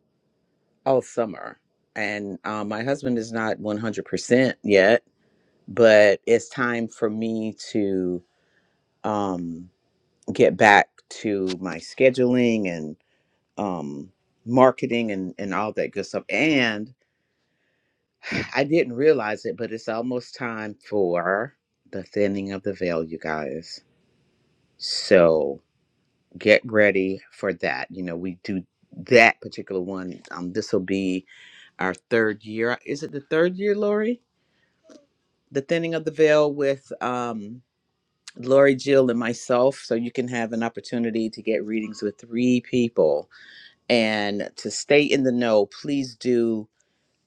Speaker 1: all summer. And um, my husband is not 100% yet, but it's time for me to um, get back to my scheduling and um, marketing and, and all that good stuff. And (sighs) I didn't realize it, but it's almost time for the thinning of the veil, you guys. So get ready for that. You know, we do that particular one. Um, this will be our third year. Is it the third year, Lori? The thinning of the veil with um, Lori, Jill, and myself. So you can have an opportunity to get readings with three people. And to stay in the know, please do.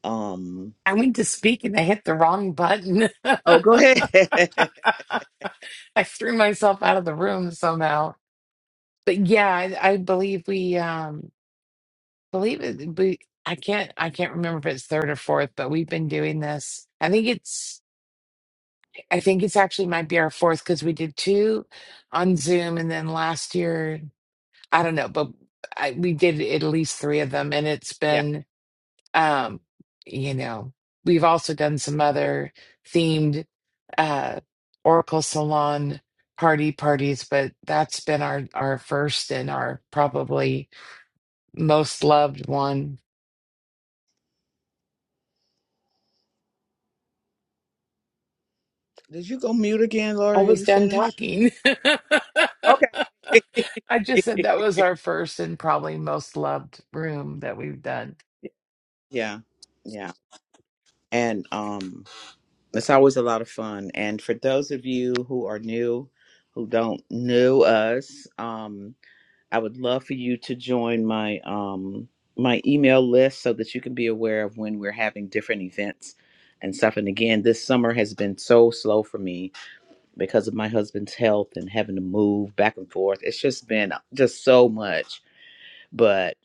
Speaker 1: Um,
Speaker 4: I went to speak and I hit the wrong button. (laughs)
Speaker 1: oh, go ahead. (laughs)
Speaker 4: I threw myself out of the room somehow. But yeah, I, I believe we um believe it we I can't I can't remember if it's third or fourth, but we've been doing this. I think it's I think it's actually might be our fourth because we did two on Zoom and then last year I don't know, but I, we did at least three of them and it's
Speaker 1: yeah.
Speaker 4: been um you know, we've also done some other themed uh Oracle Salon party parties, but that's been our our first and our probably most loved one.
Speaker 1: Did you go mute again,
Speaker 4: I
Speaker 1: Lori? Are
Speaker 4: was
Speaker 1: you
Speaker 4: done
Speaker 1: finished?
Speaker 4: talking. (laughs)
Speaker 1: Okay.
Speaker 4: I just said
Speaker 1: (laughs)
Speaker 4: that was our first and probably most loved room that we've done.
Speaker 1: yeah. Yeah. And um, It's always a lot of fun. And for those of you who are new, who don't know us, um, I would love for you to join my um, my email list so that you can be aware of when we're having different events and stuff. And again, this summer has been so slow for me because of my husband's health and having to move back and forth. It's just been just so much. But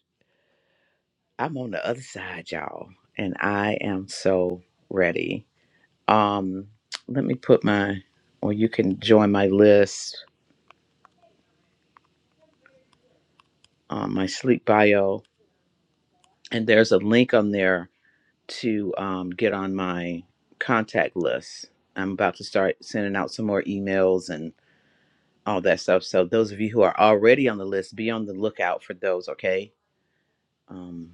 Speaker 1: I'm on the other side, y'all, and I am so ready. Um, let me put my, or you can join my list, um, my sleep bio, and there's a link on there to um, get on my contact list. I'm about to start sending out some more emails and all that stuff. So those of you who are already on the list, be on the lookout for those. Okay. Um,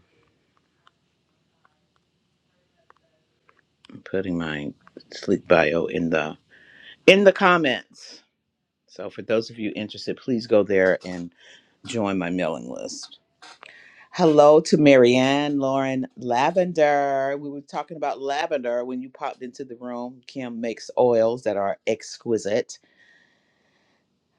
Speaker 1: I'm putting my sleep bio in the in the comments. So for those of you interested, please go there and join my mailing list. Hello to Marianne, Lauren, Lavender. We were talking about lavender when you popped into the room. Kim makes oils that are exquisite.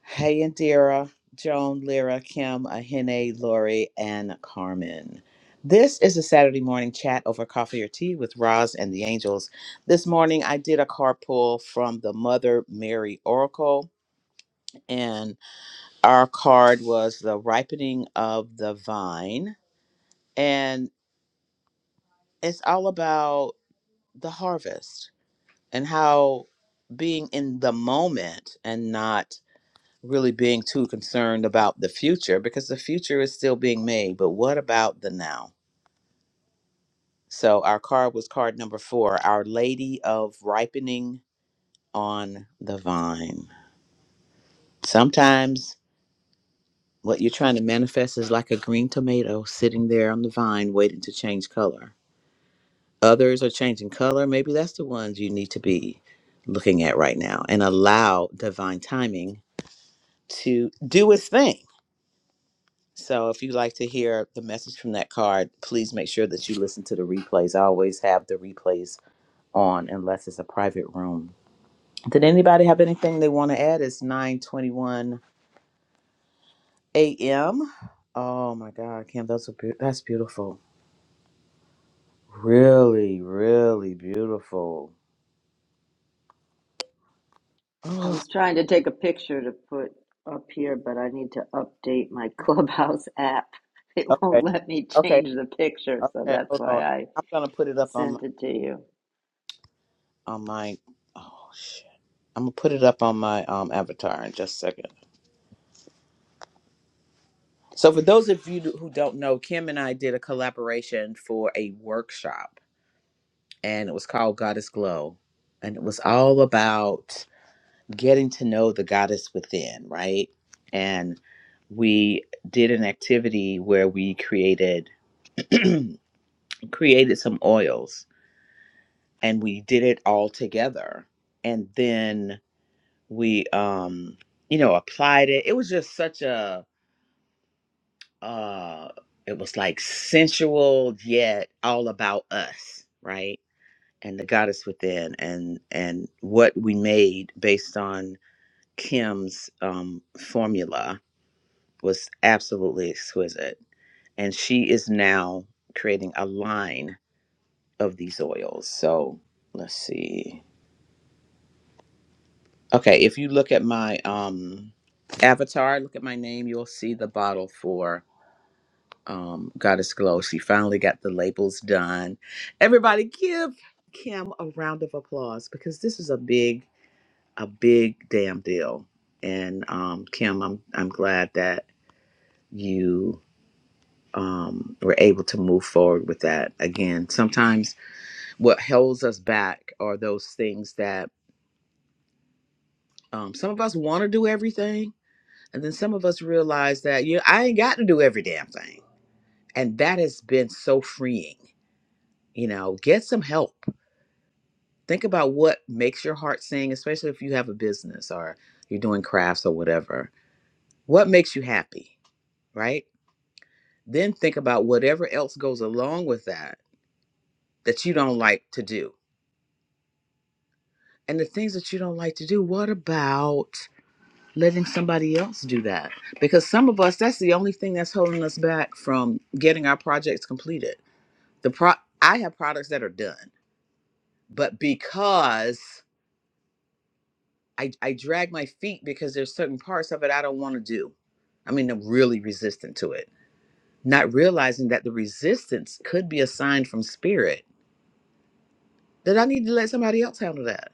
Speaker 1: Hey, Indira, Joan, Lyra, Kim, Ahene, Lori, and Carmen. This is a Saturday morning chat over coffee or tea with Roz and the Angels. This morning I did a card pull from the Mother Mary Oracle, and our card was the ripening of the vine. And it's all about the harvest and how being in the moment and not really being too concerned about the future because the future is still being made, but what about the now? So our card was card number 4, Our Lady of Ripening on the Vine. Sometimes what you're trying to manifest is like a green tomato sitting there on the vine waiting to change color. Others are changing color. Maybe that's the ones you need to be looking at right now and allow divine timing to do its thing. So if you'd like to hear the message from that card, please make sure that you listen to the replays. I always have the replays on unless it's a private room. Did anybody have anything they want to add? It's 9:21 a.m. Oh my god, Kim, that's a beau- that's beautiful. Really, really beautiful.
Speaker 5: I
Speaker 1: (sighs)
Speaker 5: was trying to take a picture to put up here, but I need to update my Clubhouse app. (laughs) It
Speaker 1: Oh,
Speaker 5: won't
Speaker 1: okay.
Speaker 5: let me
Speaker 1: Okay.
Speaker 5: change the picture, so
Speaker 1: Okay.
Speaker 5: that's
Speaker 1: Hold on.
Speaker 5: why I
Speaker 1: I'm going to put it up on my
Speaker 5: Sent it to you.
Speaker 1: on my Oh shit. I'm going to put it up on my um avatar in just a second. So, for those of you who don't know, Kim and I did a collaboration for a workshop, and it was called Goddess Glow. And it was all about getting to know the goddess within, right? And we did an activity where we created (clears throat) created some oils and we did it all together and then we um you know applied it it was just such a uh it was like sensual yet all about us right and the goddess within and and what we made based on kim's um formula was absolutely exquisite and she is now creating a line of these oils so let's see okay if you look at my um avatar look at my name you'll see the bottle for um, Goddess Glow. She finally got the labels done. Everybody, give Kim a round of applause because this is a big, a big damn deal. And um, Kim, I'm I'm glad that you um, were able to move forward with that. Again, sometimes what holds us back are those things that um, some of us want to do everything, and then some of us realize that you, I ain't got to do every damn thing, and that has been so freeing. You know, get some help think about what makes your heart sing, especially if you have a business or you're doing crafts or whatever. What makes you happy, right? Then think about whatever else goes along with that that you don't like to do. And the things that you don't like to do, what about letting somebody else do that? Because some of us, that's the only thing that's holding us back from getting our projects completed. The pro I have products that are done, but because I, I drag my feet because there's certain parts of it I don't want to do. I mean, I'm really resistant to it, not realizing that the resistance could be a sign from spirit that I need to let somebody else handle that.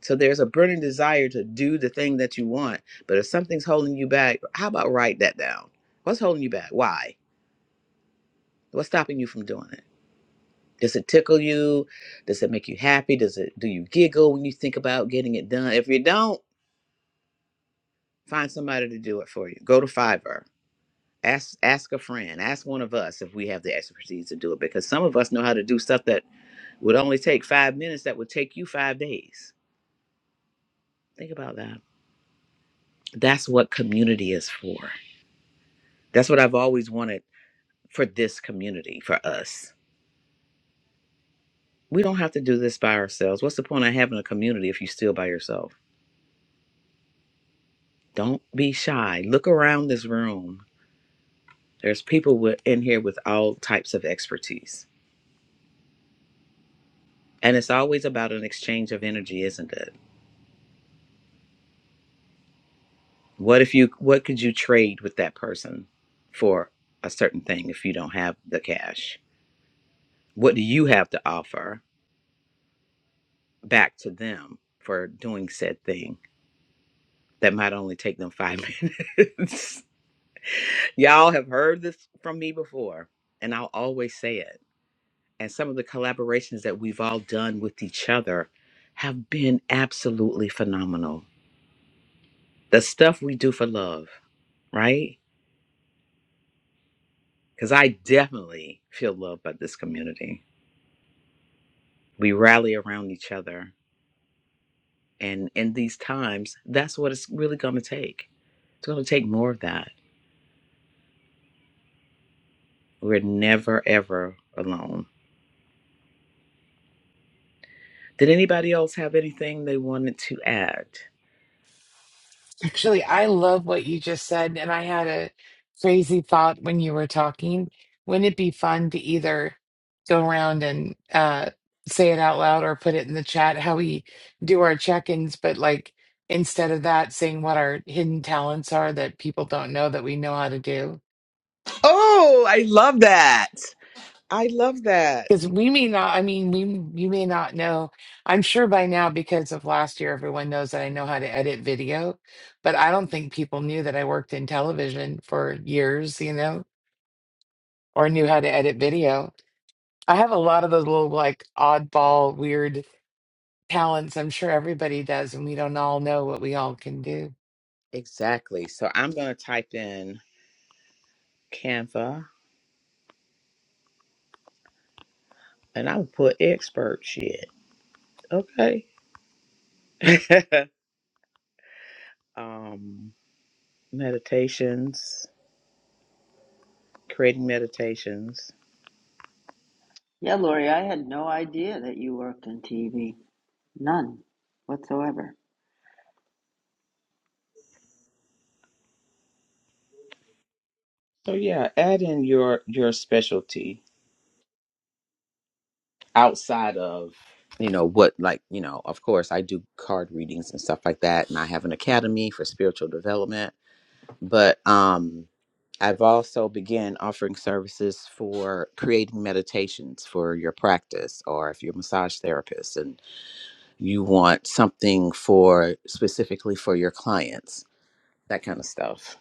Speaker 1: So there's a burning desire to do the thing that you want, but if something's holding you back, how about write that down? What's holding you back? Why? What's stopping you from doing it? Does it tickle you? Does it make you happy? Does it do you giggle when you think about getting it done? If you don't, find somebody to do it for you. Go to Fiverr ask ask a friend ask one of us if we have the expertise to do it because some of us know how to do stuff that would only take five minutes that would take you five days think about that that's what community is for that's what i've always wanted for this community for us we don't have to do this by ourselves what's the point of having a community if you're still by yourself don't be shy look around this room there's people with, in here with all types of expertise and it's always about an exchange of energy isn't it What if you what could you trade with that person for a certain thing if you don't have the cash? What do you have to offer back to them for doing said thing that might only take them 5 (laughs) minutes? Y'all have heard this from me before and I'll always say it. And some of the collaborations that we've all done with each other have been absolutely phenomenal. The stuff we do for love, right? Cuz I definitely feel loved by this community we rally around each other and in these times that's what it's really going to take it's going to take more of that we're never ever alone did anybody else have anything they wanted to add
Speaker 4: Actually, I love what you just said. And I had a crazy thought when you were talking. Wouldn't it be fun to either go around and uh, say it out loud or put it in the chat how we do our check ins? But like instead of that, saying what our hidden talents are that people don't know that we know how to do?
Speaker 1: Oh, I love that. I love that.
Speaker 4: Because we may not, I mean, we you may not know. I'm sure by now because of last year, everyone knows that I know how to edit video, but I don't think people knew that I worked in television for years, you know, or knew how to edit video. I have a lot of those little like oddball, weird talents. I'm sure everybody does, and we don't all know what we all can do.
Speaker 1: exactly so i'm going to type in canva and i'll put expert shit okay (laughs) um meditations creating meditations
Speaker 5: Yeah, Lori, I had no idea that you worked in TV. None whatsoever.
Speaker 1: so yeah add in your your specialty outside of you know what like you know of course i do card readings and stuff like that and i have an academy for spiritual development but um i've also began offering services for creating meditations for your practice or if you're a massage therapist and you want something for specifically for your clients that kind of stuff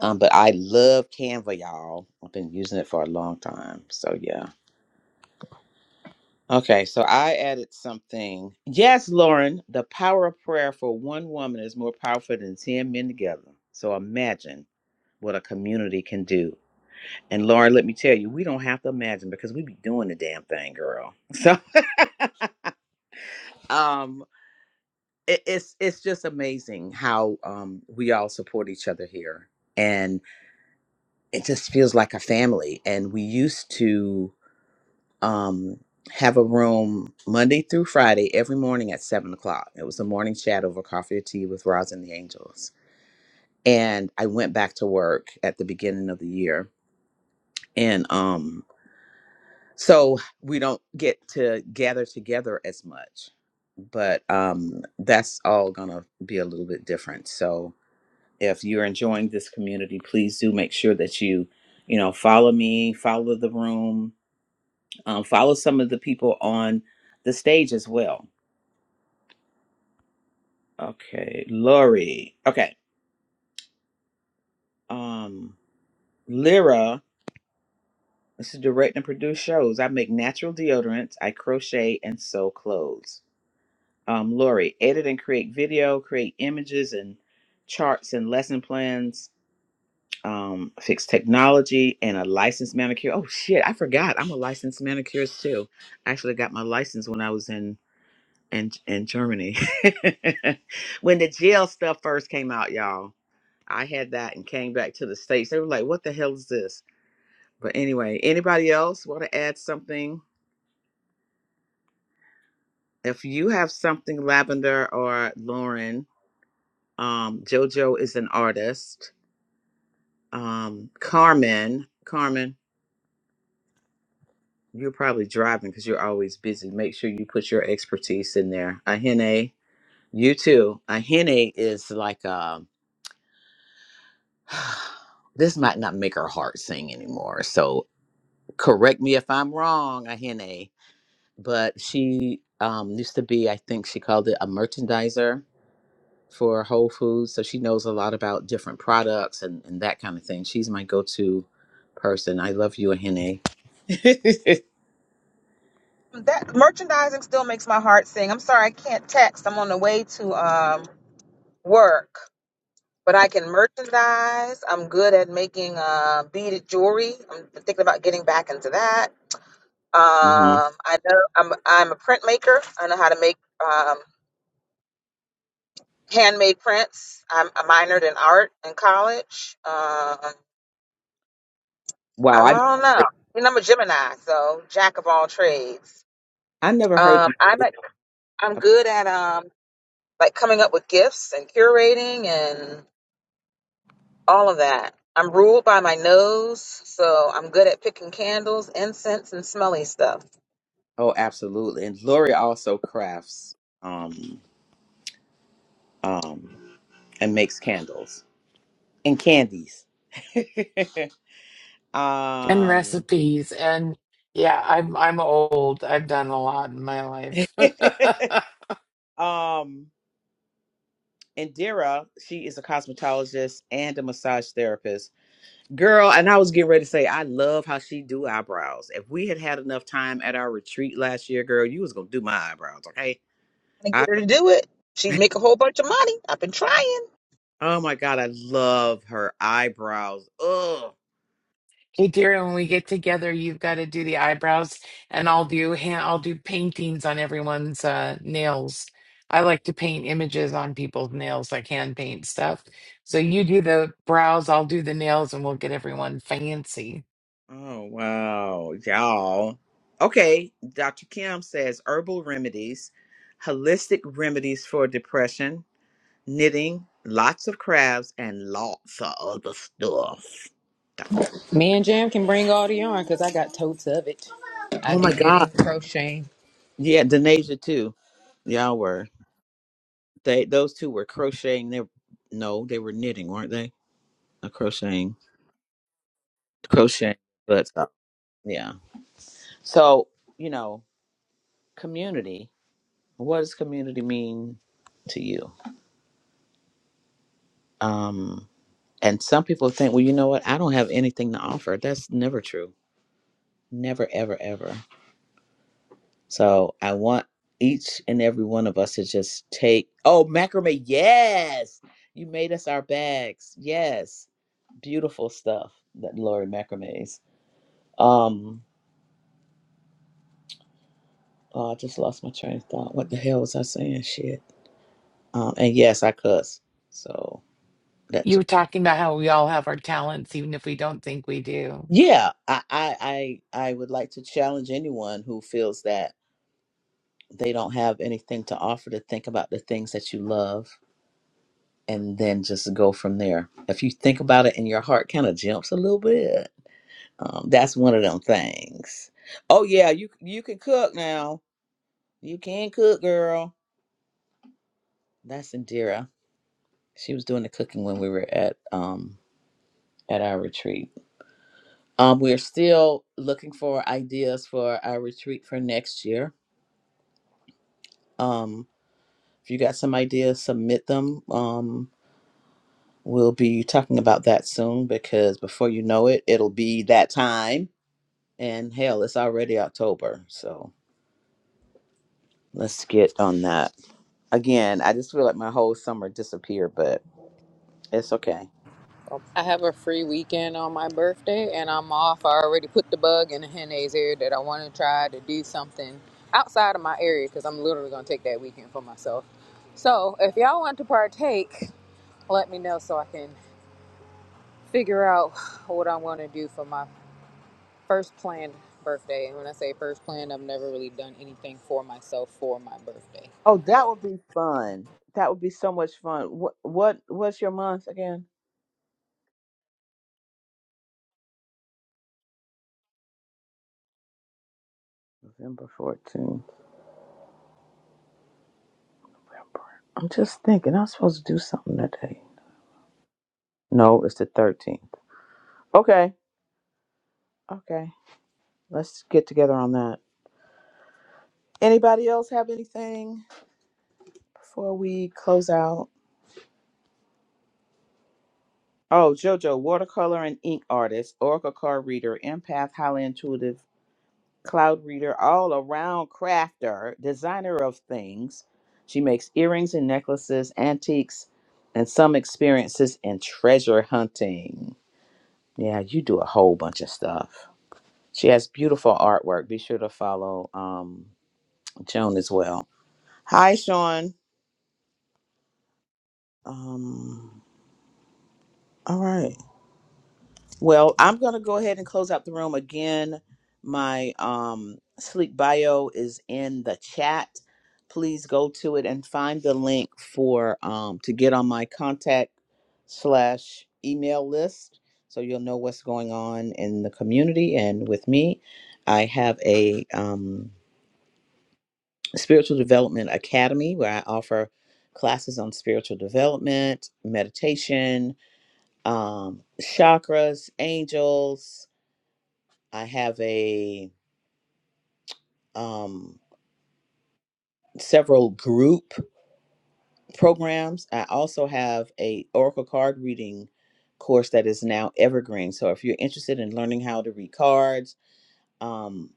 Speaker 1: um, but i love canva y'all i've been using it for a long time so yeah Okay, so I added something. Yes, Lauren, the power of prayer for one woman is more powerful than 10 men together. So imagine what a community can do. And Lauren, let me tell you, we don't have to imagine because we be doing the damn thing, girl. (laughs) So um it, it's it's just amazing how um we all support each other here. And it just feels like a family. And we used to um, have a room Monday through Friday every morning at seven o'clock. It was a morning chat over coffee or tea with Roz and the Angels. And I went back to work at the beginning of the year. And um, so we don't get to gather together as much, but um, that's all going to be a little bit different. So if you're enjoying this community, please do make sure that you, you know, follow me, follow the room, um, follow some of the people on the stage as well Okay, Lori. Okay, um, Lyra. This is direct and produce shows. I make natural deodorants. I crochet and sew clothes. Um, Lori, edit and create video, create images and charts and lesson plans. Um, fix technology and a licensed manicure. Oh shit, I forgot. I'm a licensed manicurist too. I actually got my license when I was in in in Germany (laughs) when the gel stuff first came out, y'all. I had that and came back to the States. They were like, what the hell is this? But anyway, anybody else want to add something? If you have something, Lavender or Lauren, um, JoJo is an artist. Um, Carmen, Carmen, you're probably driving because you're always busy. Make sure you put your expertise in there. Ahene, you too. Ahene is like, um, (sighs) this might not make her heart sing anymore. So correct me if I'm wrong, Ahene but she um, used to be, I think she called it a merchandiser for Whole Foods. So she knows a lot about different products and, and that kind of thing. She's my go to person. I love you, Ahene. (laughs)
Speaker 2: That merchandising still makes my heart sing. I'm sorry I can't text. I'm on the way to um work, but I can merchandise. I'm good at making uh beaded jewelry. I'm thinking about getting back into that.
Speaker 1: hmm
Speaker 2: Um, I know I'm I'm a printmaker. I know how to make um handmade prints. I'm I minored in art in college. Um,
Speaker 1: Wow,
Speaker 2: I
Speaker 1: I,
Speaker 2: don't know. You know, I'm a Gemini, so jack of all trades.
Speaker 1: I never heard
Speaker 2: Um,
Speaker 1: you. say
Speaker 2: I'm a I'm
Speaker 1: that.
Speaker 2: good at um like coming up with gifts and curating and all of that. I'm ruled by my nose, so I'm good at picking candles, incense, and smelly stuff.
Speaker 1: Oh, absolutely. And Gloria also crafts um, um, and makes candles and candies. (laughs)
Speaker 4: And
Speaker 1: um,
Speaker 4: recipes and yeah, I'm I'm old. I've done a lot in my life. (laughs)
Speaker 1: (laughs) um, Indira, she is a cosmetologist and a massage therapist. Girl, and I was getting ready to say, I love how she do eyebrows. If we had had enough time at our retreat last year, girl, you was gonna do my eyebrows, okay?
Speaker 2: trying to
Speaker 1: I,
Speaker 2: get her to do it. She'd
Speaker 1: (laughs)
Speaker 2: make a whole bunch of money. I've been trying.
Speaker 1: oh my god, I love her eyebrows. Ugh.
Speaker 4: Hey, dear, when we get together, you've got to do the eyebrows, and I'll do hand, I'll do paintings on everyone's uh, nails. I like to paint images on people's nails, like hand paint stuff. So
Speaker 1: Oh
Speaker 4: you do the brows, I'll do the nails, and we'll get everyone fancy.
Speaker 1: oh, wow, y'all. Okay, Dr. Kim says herbal remedies, holistic remedies for depression, knitting, lots of crafts, and lots of other stuff.
Speaker 3: Me and Jam can bring all the yarn because I got totes of it. I
Speaker 1: Oh
Speaker 3: do
Speaker 1: my God.
Speaker 3: knitting, crocheting.
Speaker 1: Yeah, Denasia too. Y'all were. They those two were crocheting. They no, they were knitting, weren't they? Or crocheting, crocheting. But uh, yeah. So you know, community. What does community mean to you? Um, and some people think, well, you know what? I don't have anything to offer. That's never true. Never, ever, ever. So I want each and every one of us to just take. Oh, macrame. Yes. You made us our bags. Yes. Beautiful stuff that Lori macrame's. Um, oh, I just lost my train of thought. What the hell was I saying? Shit. Um, and yes, I cuss. So that
Speaker 4: You
Speaker 1: ju-
Speaker 4: were talking about how we all have our talents, even if we don't think we do.
Speaker 1: yeah, I, I I I would like to challenge anyone who feels that they don't have anything to offer to think about the things that you love and then just go from there. If you think about it and your heart kind of jumps a little bit, um, that's one of them things. Oh yeah, you you can cook now. You can cook, girl. That's Indira. She was doing the cooking when we were at um at our retreat. Um, we're still looking for ideas for our retreat for next year. Um, if you got some ideas, submit them. Um, we'll be talking about that soon because before you know it, it'll be that time And hell, it's already October. So let's get on that. Again, I just feel like my whole summer disappeared, but it's okay.
Speaker 3: I have a free weekend on my birthday and I'm off. I already put the bug in the henna's ear that I want to try to do something outside of my area because I'm literally going to take that weekend for myself. So if y'all want to partake, let me know so I can figure out what I want to do for my first planned birthday. And when I say first planned, I've never really done anything for myself for my birthday.
Speaker 1: Oh, that would be fun. That would be so much fun. What what what's your month again? November 14th. I'm just thinking I'm supposed to do something that day. No, it's the 13th. Okay. Okay. Let's get together on that. Anybody else have anything before we close out? Oh, JoJo, watercolor and ink artist, oracle card reader, empath, highly intuitive, cloud reader, all around crafter, designer of things. She makes earrings and necklaces, antiques, and some experiences in treasure hunting. Yeah, you do a whole bunch of stuff. She has beautiful artwork. Be sure to follow um, Joan as well. Hi, Sean. Um, all right. Well, I'm going to go ahead and close out the room again. My um, sleep bio is in the chat. Please go to it and find the link for um, to get on my contact slash email list, so you'll know what's going on in the community and with me. I have a um, spiritual development academy where I offer classes on spiritual development, meditation, um, chakras, angels I have a um several group programs. I also have a oracle card reading course that is now evergreen. So if you're interested in learning how to read cards, um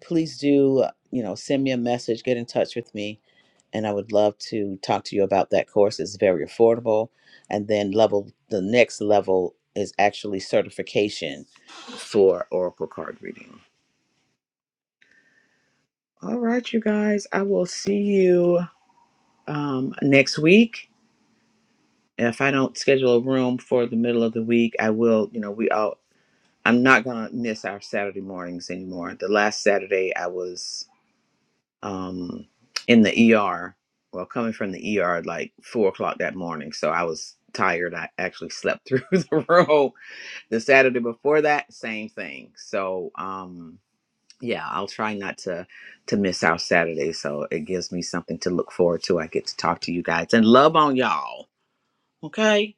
Speaker 1: please do, uh, you know, send me a message, get in touch with me, and I would love to talk to you about that course. It's very affordable. And then level the next level is actually certification for oracle card reading. All right, you guys, I will see you um, next week. If I don't schedule a room for the middle of the week, I will. You know, we all. I'm not gonna miss our Saturday mornings anymore. The last Saturday I was um, in the ER. Well, coming from the ER at like four o'clock that morning, so I was tired. I actually slept (laughs) through the room. The Saturday before that, same thing. So um, yeah, I'll try not to to miss our Saturday. So it gives me something to look forward to. I get to talk to you guys and love on y'all. Okay.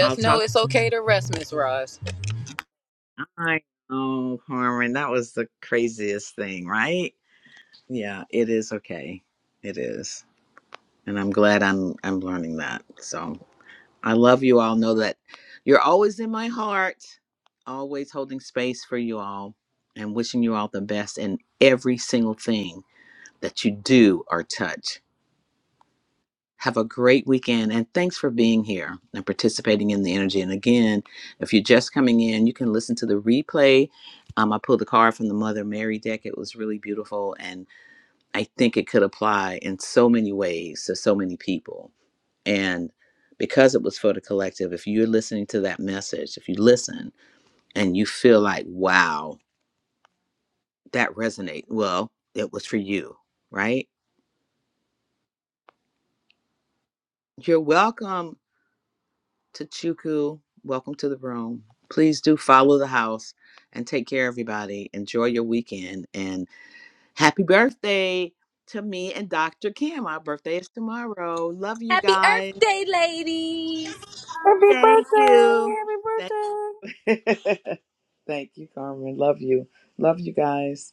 Speaker 1: I'll
Speaker 3: know
Speaker 1: talk to
Speaker 3: it's okay to rest, Miss Roz.
Speaker 1: my oh Carmen, That was the craziest thing, right? Yeah, it is okay. It is. And I'm glad I'm I'm learning that. So I love you all. Know that you're always in my heart, always holding space for you all and wishing you all the best in every single thing that you do or touch. Have a great weekend and thanks for being here and participating in the energy. And again, if you're just coming in, you can listen to the replay. Um, I pulled the card from the Mother Mary deck. It was really beautiful. And I think it could apply in so many ways to so many people. And because it was for the collective, if you're listening to that message, if you listen and you feel like, wow, that resonate, well, it was for you, right? You're welcome. Tachuku, welcome to the room. Please do follow the house and take care, everybody. Enjoy your weekend and happy birthday to me and Dr. Kim. Our birthday is tomorrow. Love you
Speaker 3: Happy
Speaker 1: guys.
Speaker 3: Earth Day, ladies!
Speaker 8: Happy
Speaker 1: Thank
Speaker 8: birthday.
Speaker 1: you.
Speaker 8: Happy
Speaker 1: Thank
Speaker 8: birthday.
Speaker 1: (laughs) Thank you, Carmen. Love you. Love you guys.